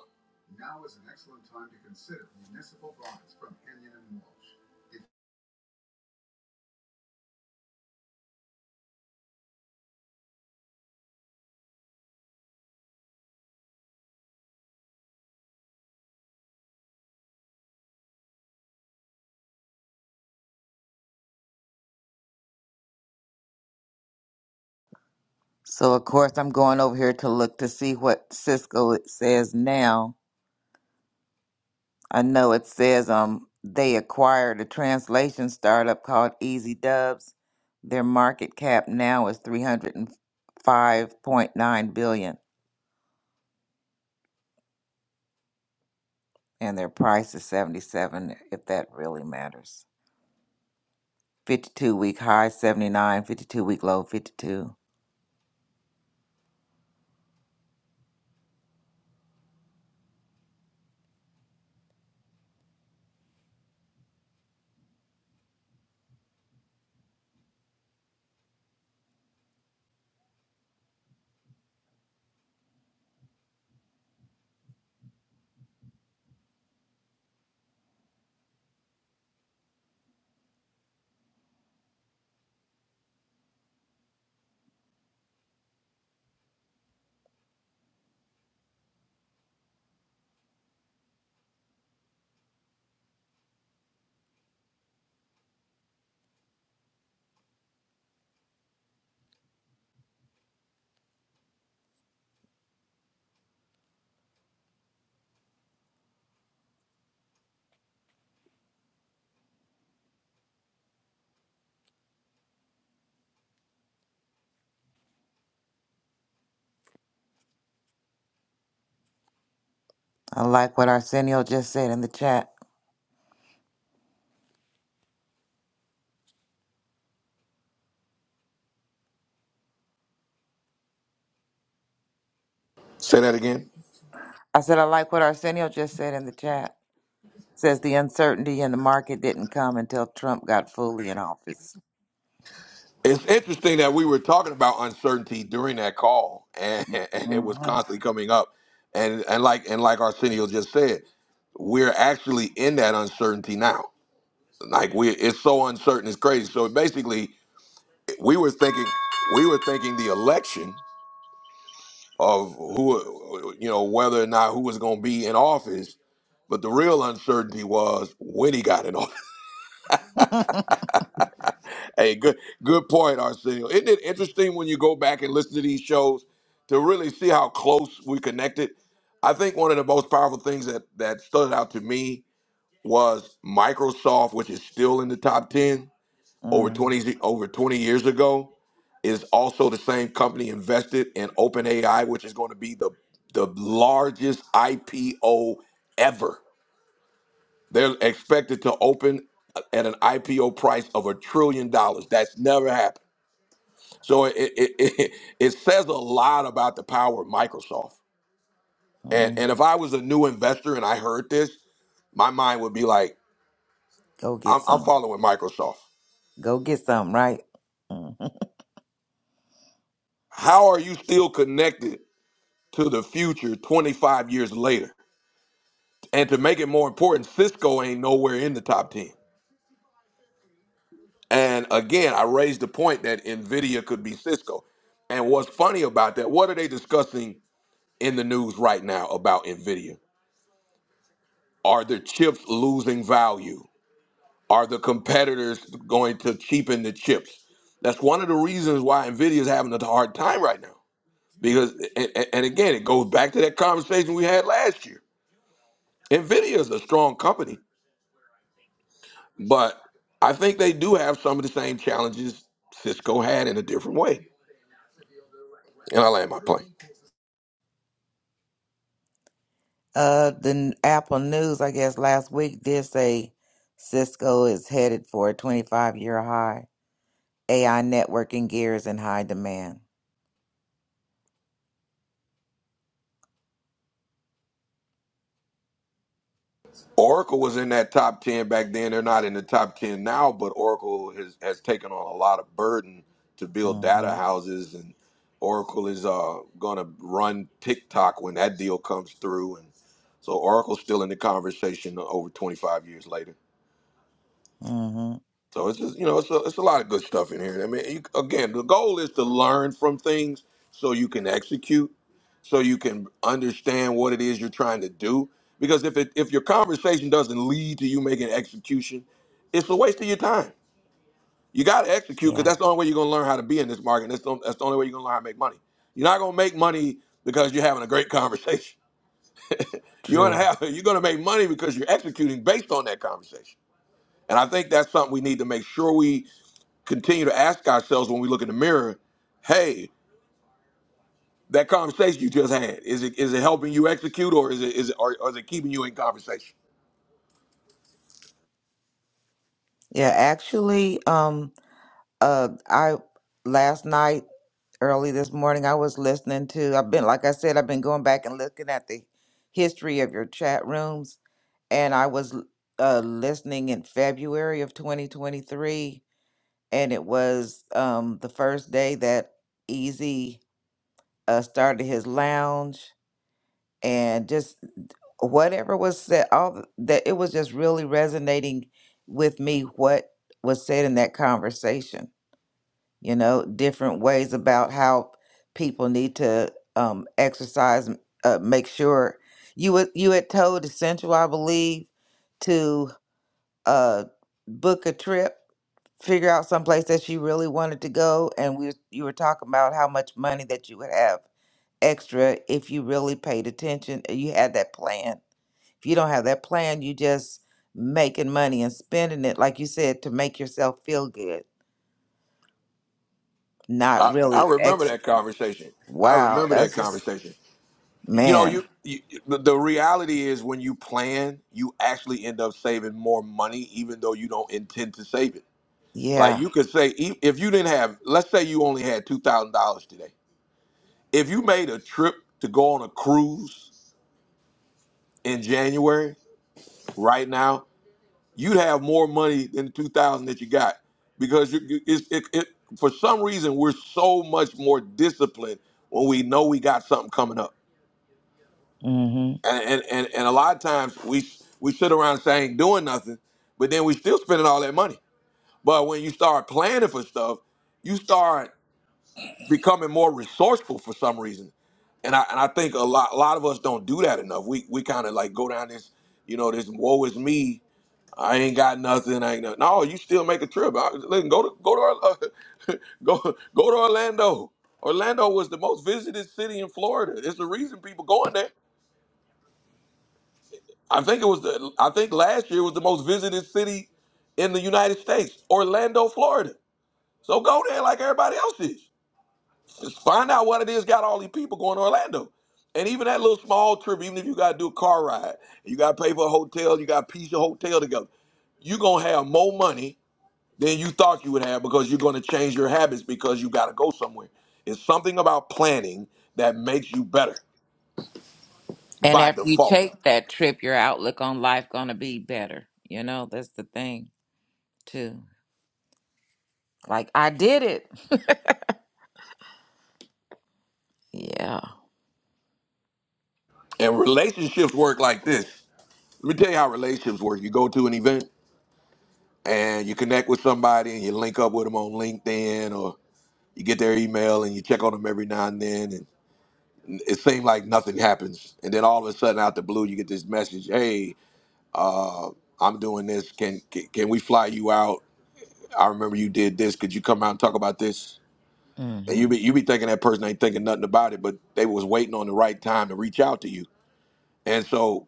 Speaker 6: So of course I'm going over here to look to see what Cisco it says now. I know it says um they acquired a translation startup called Easy Dubs. Their market cap now is three hundred and five point nine billion. and their price is 77 if that really matters 52 week high 79, 52 week low 52 i like what arsenio just said in the chat
Speaker 1: Say that again.
Speaker 6: i said i like what arsenio just said in the chat says the uncertainty in the market didn't come until trump got fully in office
Speaker 1: It's interesting that we were talking about uncertainty during that call, and, [laughs] and it was
Speaker 6: mm-hmm.
Speaker 1: constantly coming up. And and like and like Arsenio just said, we're actually in that uncertainty now. Like we, it's so uncertain, it's crazy. So basically, we were thinking, we were thinking the election of who, you know, whether or not who was going to be in office. But the real uncertainty was when he got in office. Hey, good good point, Arsenio. Isn't it interesting when you go back and listen to these shows to really see how close we connected? I think one of the most powerful things that that stood out to me was Microsoft, which is still in the top ten
Speaker 6: [laughs]
Speaker 1: over
Speaker 6: mm-hmm.
Speaker 1: twenty over twenty years ago, is also the same company invested in OpenAI, which is going to be the the largest IPO ever. They're expected to open at an IPO price of a trillion dollars. That's never happened so it it, it it says a lot about the power of Microsoft. And and if I was a new investor and I heard this, my mind would be like,
Speaker 6: go get
Speaker 1: I'm, I'm
Speaker 6: some
Speaker 1: following Microsoft.
Speaker 6: go get some right hmm
Speaker 1: How are you still connected to the future 25 years later? And to make it more important, Cisco ain't nowhere in the top 10. And again, I raised the point that Nvidia could be Cisco. And what's funny about that, what are they discussing in the news right now about Nvidia? Are the chips losing value? Are the competitors going to cheapen the chips? That's one of the reasons why Nvidia is having a hard time right now. Because and, and and again, it goes back to that conversation we had last year. Nvidia is a strong company, but I think they do have some of the same challenges Cisco had in a different way. And I land my plane.
Speaker 6: uh the n- apple news i guess last week did say cisco is headed for a 25 year high AI networking gear is in high demand.
Speaker 1: Oracle was in that top 10 back then. They're not in the top 10 now, but Oracle has, has taken on a lot of burden to build data
Speaker 6: Mhm.
Speaker 1: houses. And Oracle is uh, going to run TikTok when that deal comes through. And so Oracle's still in the conversation over 25 years later.
Speaker 6: Mhm.
Speaker 1: So it's just you know it's a, it's a lot of good stuff in here. I mean, you, again, the goal is to learn from things so you can execute, so you can understand what it is you're trying to do. Because if it if your conversation doesn't lead to you making execution, it's a waste of your time. You got to execute because
Speaker 6: Yeah.
Speaker 1: that's the only way you're going to learn how to be in this market. that's the, that's the only way you're going to learn how to make money. You're not going to make money because you're having a great [laughs] conversation. You're going to
Speaker 6: True.
Speaker 1: have [laughs] you're going to make money because you're executing based on that conversation. And I think that's something we need to make sure we continue to ask ourselves when we look in the mirror, hey, that conversation you just had, is it is it helping you execute or is it is it or, or is it keeping you in conversation?
Speaker 6: Yeah, actually um uh I last night early this morning I was listening to I've been like I said I've been going back and looking at the history of your chat rooms and I was l- uh, listening in February of 2023, and it was um, the first day that Easy uh, started his lounge, and just whatever was said, all th- that it was just really resonating with me what was said in that conversation. You know, different ways about how people need to um, exercise. m- Uh, make sure you had- you had told essential, I believe, uh book a trip figure out someplace that she really wanted to go and we you were talking about how much money that you would have extra if you really paid attention and you had that plan if you don't have that plan you just making money and spending it like you said to make yourself feel good not
Speaker 1: I, I
Speaker 6: really
Speaker 1: remember that
Speaker 6: execute
Speaker 1: conversation. I
Speaker 6: wow
Speaker 1: remember that
Speaker 6: that's just
Speaker 1: conversation. You know,
Speaker 6: man
Speaker 1: you, you the, the reality is when you plan, you actually end up saving more money even though you don't intend to save it. Like
Speaker 6: yeah
Speaker 1: you could say e- if you didn't have let's say you only had $2,000 today. If you made a trip to go on a cruise in January right now you'd have more money than 2000 that you got because you, you- it's, it, it, for some reason we're so much more disciplined when we know we got something coming up
Speaker 6: hmm
Speaker 1: and, and, and, and a lot of times we we sit around saying doing nothing but then we still spending all that money but when you start planning for stuff you start becoming more resourceful for some reason and I, and I think a lot a lot of us don't do that enough we, we kind of like go down this you know this woe is me I ain't got nothing. I ain't nothing. No, you still make a trip. I, listen, go to go to Orla- [laughs] go go to Orlando. Orlando was the most visited city in Florida. It's the reason people going there. I think it was the I think last year was the most visited city in the United States, Orlando, Florida. So go there like everybody else is. Just find out what it is got all these people going to Orlando. And even that little small trip, even if you gotta do a car ride, you gotta pay for a hotel, you gotta piece your hotel together, you gonna have more money than you thought you would have because you're going to change your habits because you got to go somewhere. It's something about planning that makes you better
Speaker 6: and
Speaker 1: by
Speaker 6: after you
Speaker 1: default.
Speaker 6: take that trip your outlook on life gonna be better you know that's the thing too Like I did it. [laughs] Yeah.
Speaker 1: And relationships work like this. Let me tell you how relationships work. You go to an event and you connect with somebody and you link up with them on LinkedIn or you get their email and you check on them every now and then and it seems like nothing happens. And then all of a sudden out the blue you get this message, "Hey, uh, I'm doing this. Can, can can we fly you out? I remember you did this. Could you come out and talk about this?" And
Speaker 6: hmm
Speaker 1: you be you be thinking that person ain't thinking nothing about it, but they was waiting on the right time to reach out to you. And so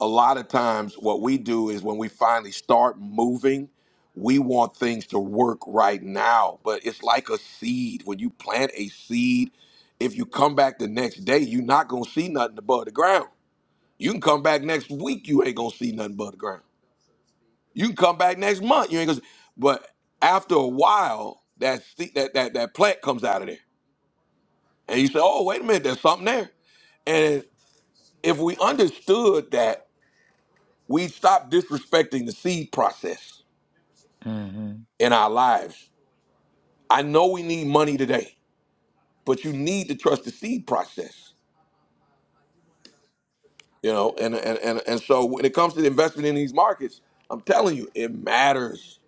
Speaker 1: a lot of times what we do is when we finally start moving, we want things to work right now. But it's like a seed. When you plant a seed, if you come back the next day, you're not gonna see nothing above the ground. You can come back next week, you ain't gonna see nothing above the ground. You can come back next month, you ain't gonna. But after a while, that se- that that that plant comes out of there And you say, oh, wait a minute, there's something there. And if we understood that, we'd stop disrespecting the seed process
Speaker 6: hmm
Speaker 1: in our lives. I know we need money today, but you need to trust the seed process. You know, and and, and, and so when it comes to the investment in these markets, I'm telling you, it matters.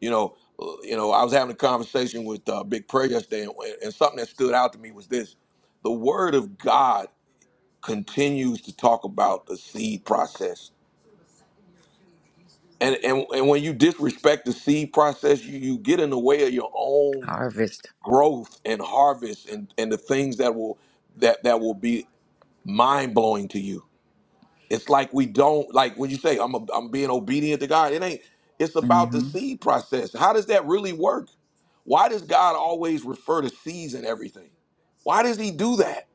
Speaker 1: You know, uh, you know, I was having a conversation with uh, Big Prayer yesterday, and, and something that stood out to me was this: the Word of God continues to talk about the seed process and and and when you disrespect the seed process, you you get in the way of your own
Speaker 6: Harvest.
Speaker 1: growth and harvest and and the things that will that that will be mind blowing to you. It's like we don't like when you say I'm a, I'm being obedient to God. It ain't. It's about the
Speaker 6: hmm
Speaker 1: seed process. How does that really work? Why does God always refer to seeds and everything? Why does He do that?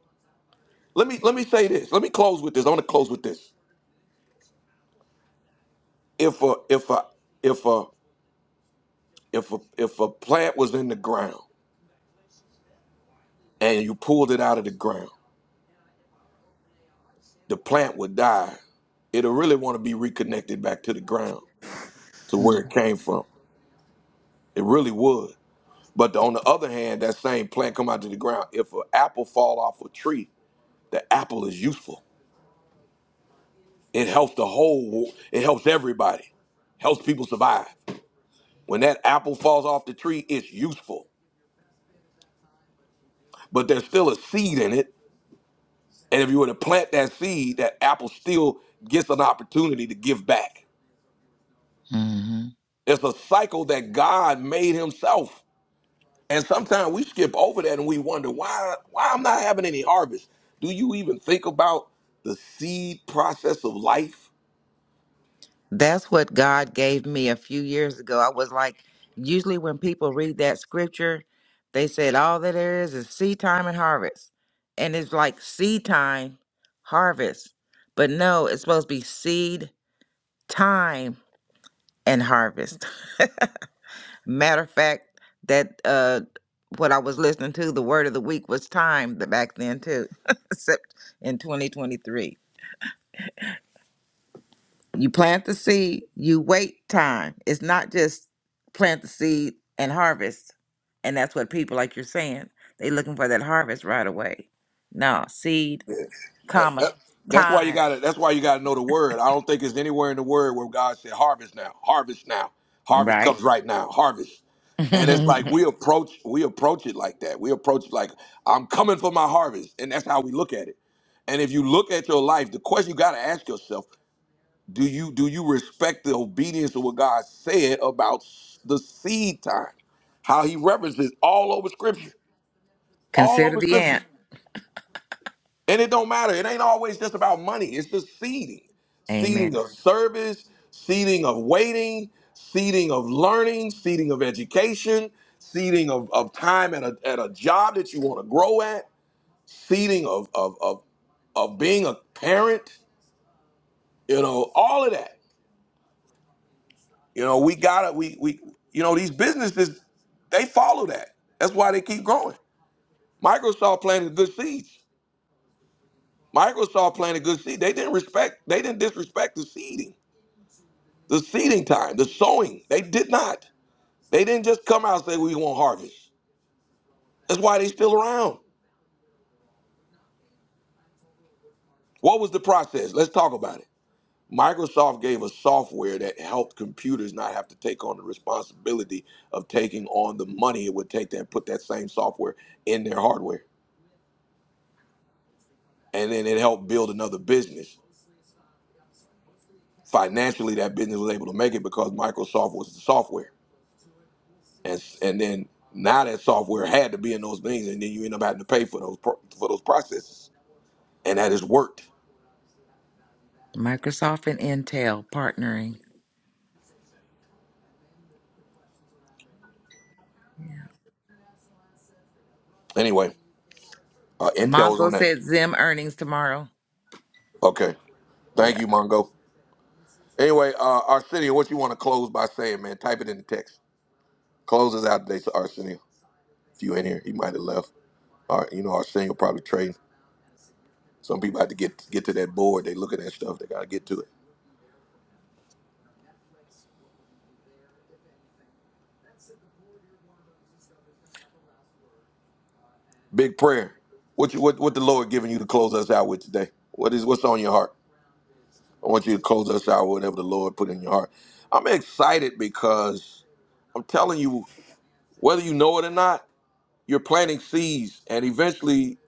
Speaker 1: Let me let me say this. Let me close with this. I want to close with this. If a if a if a if a if a plant was in the ground and you pulled it out of the ground, the plant would die. It'll really want to be reconnected back to the ground, to where it came from. It really would. But on the other hand, that same plant come out to the ground. If an apple fall off a tree, the apple is useful. It helps the whole. It helps everybody. Helps people survive. When that apple falls off the tree, it's useful. But there's still a seed in it, and if you were to plant that seed, that apple still gets an opportunity to give back
Speaker 6: hmm
Speaker 1: It's a cycle that God made himself. And sometimes we skip over that and we wonder why why I'm not having any harvest. Do you even think about the seed process of life?
Speaker 6: That's what God gave me a few years ago. I was like, usually when people read that scripture, they said all that there is is seed time and harvest. And it's like seed time, harvest. But no, it's supposed to be seed time and harvest. [laughs] Matter of fact, that uh, what I was listening to, the word of the week was time th- back then too, [laughs] except in 2023. You plant the seed, you wait time. It's not just plant the seed and harvest. And that's what people like you're saying. They looking for that harvest right away. No, seed,
Speaker 1: Yeah. That-
Speaker 6: comma,
Speaker 1: that- that's why you
Speaker 6: time.
Speaker 1: gotta that's why you gotta know the word. I don't think it's anywhere in the word where God said harvest now, harvest now, harvest comes
Speaker 6: Right?
Speaker 1: right now, harvest.
Speaker 6: [laughs]
Speaker 1: And it's like we
Speaker 6: Consider
Speaker 1: approach we approach it like that. We approach it like I'm coming for my harvest. And that's how we look at it. And if you look at your life, the question you got to ask yourself Do you do you respect the obedience of what God said about s- the seed time? How he references all over scripture. All over
Speaker 6: the
Speaker 1: scripture.
Speaker 6: ant.
Speaker 1: And it don't matter. It ain't always just about money. It's the seeding.
Speaker 6: Amen.
Speaker 1: Seeding of service, seeding of waiting, seeding of learning, seeding of education, seeding of, of time at a, at a job that you want to grow at, seeding of, of, of, of being a parent, you know, all of that You know, we gotta we we you know these businesses they follow that. That's why they keep growing. Microsoft planted good seeds. Microsoft planted good seed. They didn't respect. They didn't disrespect the seeding, the seeding time, the sowing. They did not. They didn't just come out and say we want harvest. That's why they still around. What was the process? Let's talk about it. Microsoft gave us software that helped computers not have to take on the responsibility of taking on the money it would take to put that same software in their hardware. and then it helped build another business. Financially, that business was able to make it because Microsoft was the software, and and then now that software had to be in those things, and then you end up having to pay for those pro- for those processes, and that has worked.
Speaker 6: Microsoft and Intel partnering. Yeah.
Speaker 1: Anyway, uh, Intel was on
Speaker 6: Mongo
Speaker 1: that.
Speaker 6: said Zim earnings tomorrow.
Speaker 1: Okay,
Speaker 6: Yeah.
Speaker 1: thank you, Mongo. Anyway, uh, Arsenio, what you want to close by saying, man? Type it in the text. Close us out today, so Arsenio. If you in here, he might have left. All right, you know, Arsenio probably trading. Some people have to get get to that board. They looking at stuff. They gotta get to it. Big prayer. What you what what the Lord giving you to close us out with today? What is what's on your heart? I want you to close us out with whatever the Lord put in your heart. I'm excited because I'm telling you, whether you know it or not, you're planting seeds and eventually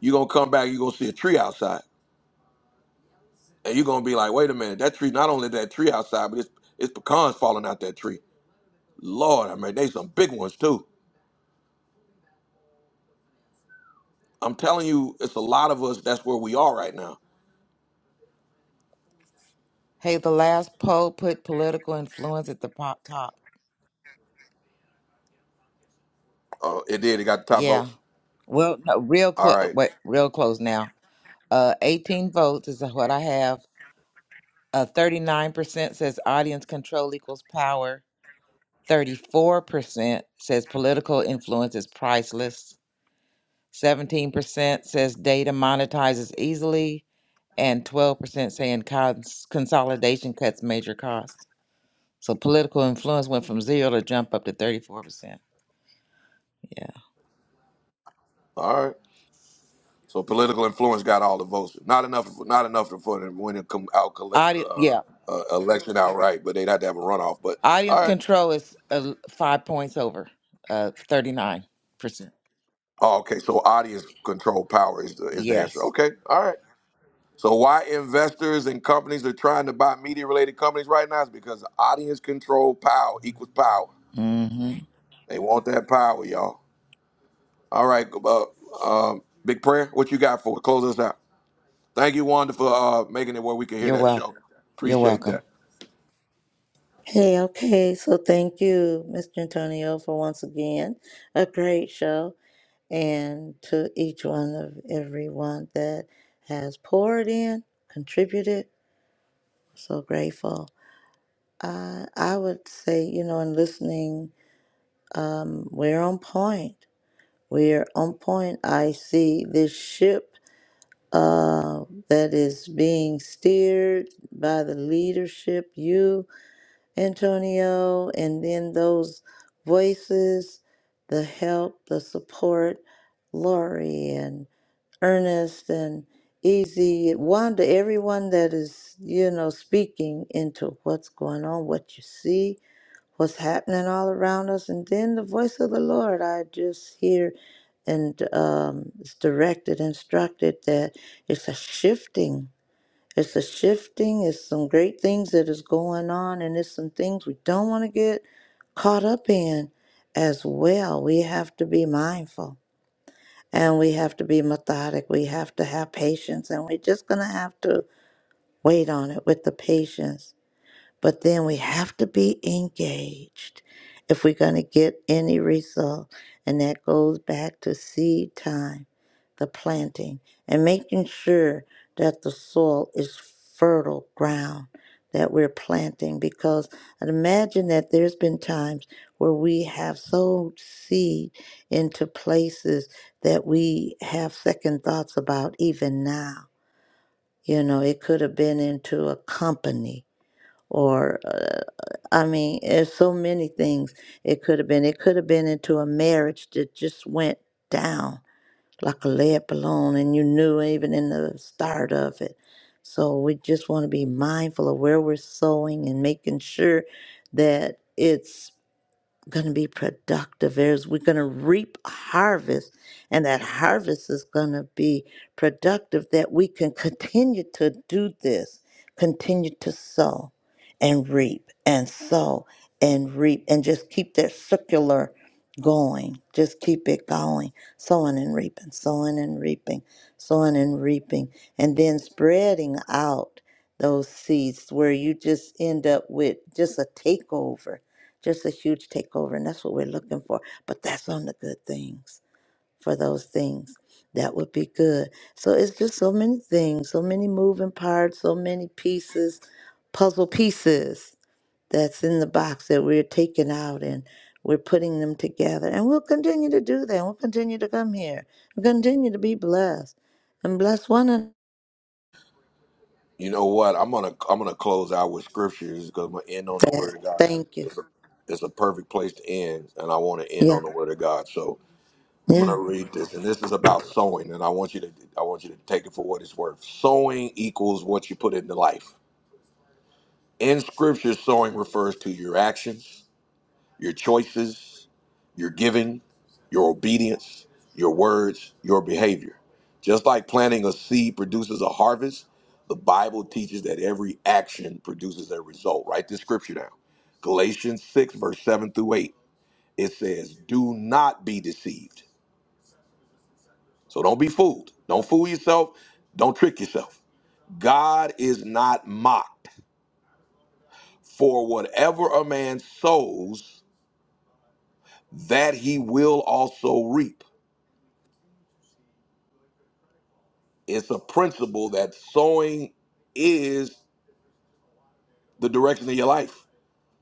Speaker 1: you're gonna come back, you're gonna see a tree outside. And you're gonna be like, wait a minute, that tree, not only that tree outside, but it's it's pecans falling out that tree. Lord, I mean, they some big ones too. I'm telling you, it's a lot of us, that's where we are right now.
Speaker 6: Hey, the last poll put political influence at the pop top.
Speaker 1: Uh, it did, it got the top
Speaker 6: Yeah.
Speaker 1: votes.
Speaker 6: Well, no, real
Speaker 1: All
Speaker 6: close.
Speaker 1: right.
Speaker 6: Wait, real close now. Uh, 18 votes is what I have. Uh, 39% says audience control equals power. 34% says political influence is priceless. 17% says data monetizes easily. And 12% saying cons- consolidation cuts major costs. So political influence went from zero to jump up to 34%. Yeah.
Speaker 1: All right. So political influence got all the votes. Not enough. Not enough for them to win and come out collect
Speaker 6: Audi-
Speaker 1: uh,
Speaker 6: yeah,
Speaker 1: uh, election outright. But they'd have to have a runoff. But
Speaker 6: audience
Speaker 1: all right.
Speaker 6: control is uh, five points over, uh, thirty nine percent.
Speaker 1: Oh, okay. So audience control power is the is the answer.
Speaker 6: Yes.
Speaker 1: Okay. All right. So why investors and companies are trying to buy media related companies right now is because audience control power equals power.
Speaker 6: hmm
Speaker 1: They want that power, y'all. All right. Uh, um, big prayer. What you got for close us out? Thank you, Wanda, for uh, making it where we can hear
Speaker 6: You're
Speaker 1: that
Speaker 6: welcome.
Speaker 1: show.
Speaker 6: You're
Speaker 1: Appreciate
Speaker 6: welcome.
Speaker 1: that.
Speaker 2: Hey, okay, so thank you, Mr. Antonio, for once again a great show, and to each one of everyone that has poured in, contributed, So grateful. I I would say, you know, in listening, we're on point. We're on point. I see this ship uh, that is being steered by the leadership, you, Antonio, and then those voices, the help, the support, Lori and Ernest and Easy, Wanda, everyone that is, you know, speaking into what's going on, what you see what's happening all around us. And then the voice of the Lord, I just hear and um, it's directed, instructed that it's a shifting. It's a shifting. It's some great things that is going on, and it's some things we don't want to get caught up in as well. We have to be mindful and we have to be methodic. We have to have patience, and we're just going to have to wait on it with the patience but then we have to be engaged if we're going to get any result. And that goes back to seed time, the planting, and making sure that the soil is fertile ground that we're planting. Because I'd imagine that there's been times where we have sowed seed into places that we have second thoughts about even now. You know, it could have been into a company or uh, I mean, there's so many things it could have been. It could have been into a marriage that just went down like a lead balloon, and you knew even in the start of it. So we just want to be mindful of where we're sowing and making sure that it's going to be productive heirs. We're going to reap a harvest, and that harvest is going to be productive that we can continue to do this, continue to sow and reap and sow and reap, and just keep that circular going. Just keep it going, sowing and reaping, sowing and reaping, sowing and reaping, and then spreading out those seeds where you just end up with just a takeover just a huge takeover, and that's what we're looking for. But that's on the good things for those things. That would be good. So it's just so many things, so many moving parts, so many pieces, puzzle pieces that's in the box that we're taking out and we're putting them together. And we'll continue to do that. We'll continue to come here. We'll continue to be blessed and bless one another.
Speaker 1: You know what? I'm gonna I'm gonna close out with scriptures because I'm gonna end on the word of God. So
Speaker 2: Thank you.
Speaker 1: it's a it's a perfect place to end, and I want to end
Speaker 2: Yeah.
Speaker 1: on the word of God. So I'm
Speaker 2: Yeah.
Speaker 1: gonna read this, and this is about sowing, and I want you to I want you to take it for what it's worth. Sowing equals what you put into life. In scripture, sowing refers to your actions your choices, your giving, your obedience, your words, your behavior. Just like planting a seed produces a harvest, the Bible teaches that every action produces a result. Write this scripture down Galatians 6, verse 7 through 8. It says, Do not be deceived. So don't be fooled. Don't fool yourself. Don't trick yourself. God is not mocked. For whatever a man sows, that he will also reap. It's a principle that sowing is the direction of your life.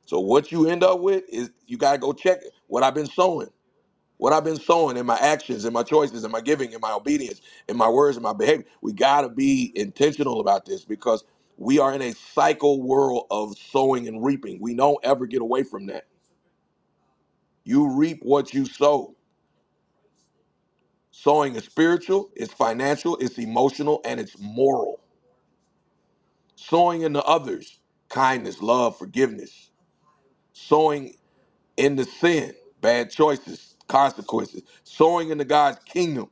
Speaker 1: So what you end up with is you gotta go check what I've been sowing. What I've been sowing in my actions, in my choices, in my giving, in my obedience, in my words, in my behavior. We gotta be intentional about this because we are in a cycle world of sowing and reaping. We don't ever get away from that. You reap what you sow. Sowing is spiritual, it's financial, it's emotional, and it's moral. Sowing into others, kindness, love, forgiveness. sowing into sin, bad choices, consequences, sowing into God's kingdom,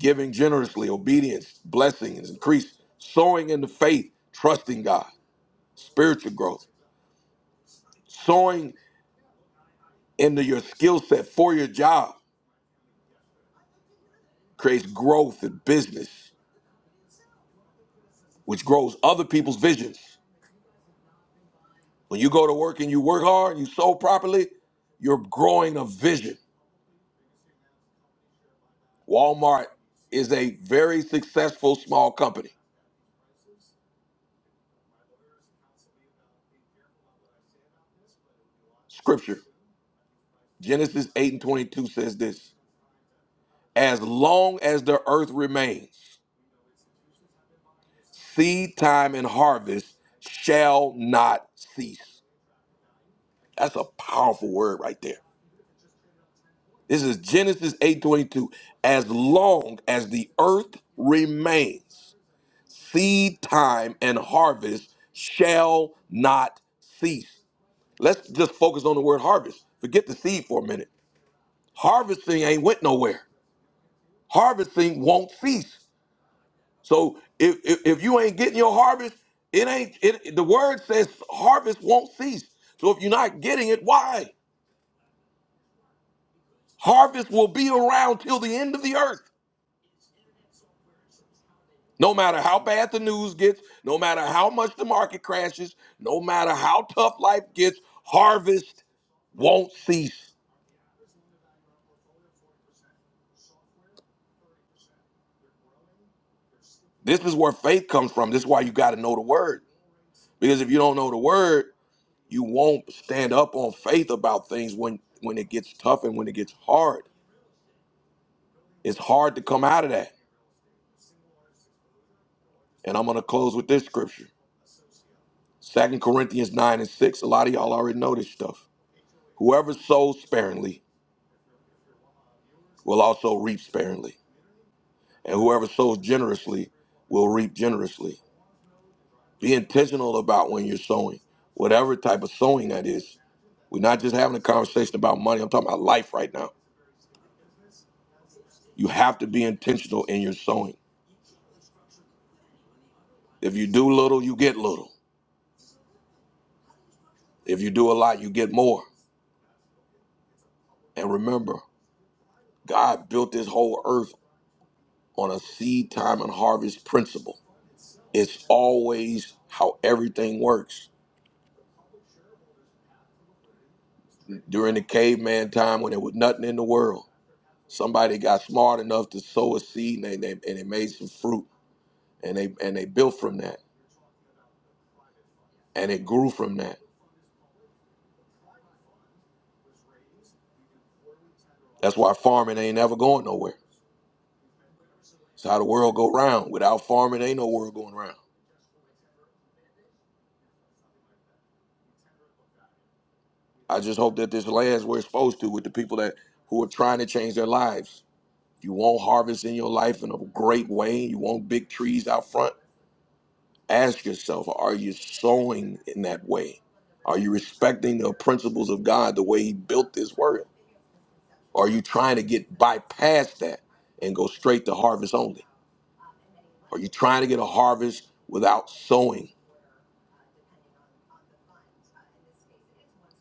Speaker 1: giving generously, obedience, blessings, increase, sowing into faith, trusting God, spiritual growth, sowing into your skill set for your job creates growth in business, which grows other people's visions. When you go to work and you work hard, you sow properly, you're growing a vision. Walmart is a very successful small company. Scripture. Genesis 8 and 22 says this As long as the earth remains, seed time and harvest shall not cease. That's a powerful word right there. This is Genesis 8:22. As long as the earth remains, seed time and harvest shall not cease. Let's just focus on the word harvest. Forget the seed for a minute. Harvesting ain't went nowhere. Harvesting won't cease. So if, if if you ain't getting your harvest, it ain't it the word says harvest won't cease. So if you're not getting it, why? Harvest will be around till the end of the earth. No matter how bad the news gets, no matter how much the market crashes, no matter how tough life gets, harvest won't cease. This is where faith comes from. This is why you got to know the word. Because if you don't know the word, you won't stand up on faith about things when when it gets tough and when it gets hard. It's hard to come out of that. And I'm going to close with this scripture Second Corinthians 9 and 6. A lot of y'all already know this stuff. Whoever sows sparingly will also reap sparingly, and whoever sows generously will reap generously. Be intentional about when you're sowing, whatever type of sowing that is. We're not just having a conversation about money, I'm talking about life right now. You have to be intentional in your sowing. If you do little, you get little. If you do a lot, you get more. And remember, God built this whole earth on a seed time and harvest principle. It's always how everything works. During the caveman time when there was nothing in the world, somebody got smart enough to sow a seed and they, they and they made some fruit and they and they built from that and it grew from that. That's why farming ain't ever going nowhere. It's how the world go round. Without farming, ain't no world going round. I just hope that this lands where it's supposed to with the people that who are trying to change their lives. You want harvest in your life in a great way. You want big trees out front Ask yourself, are you sowing in that way? Are you respecting the principles of God the way He built this word? Are you trying to get bypass that and go straight to harvest only? Are you trying to get a harvest without sowing?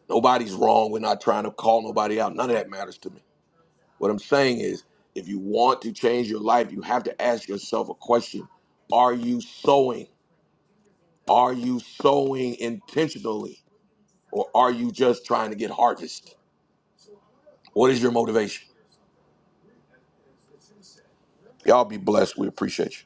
Speaker 1: Nobody's wrong. We're not trying to call nobody out. None of that matters to me. What I'm saying is, if you want to change your life, you have to ask yourself a question Are you sowing? Are you sowing intentionally or are you just trying to get harvest? What is your motivation? Y'all be blessed. We appreciate you.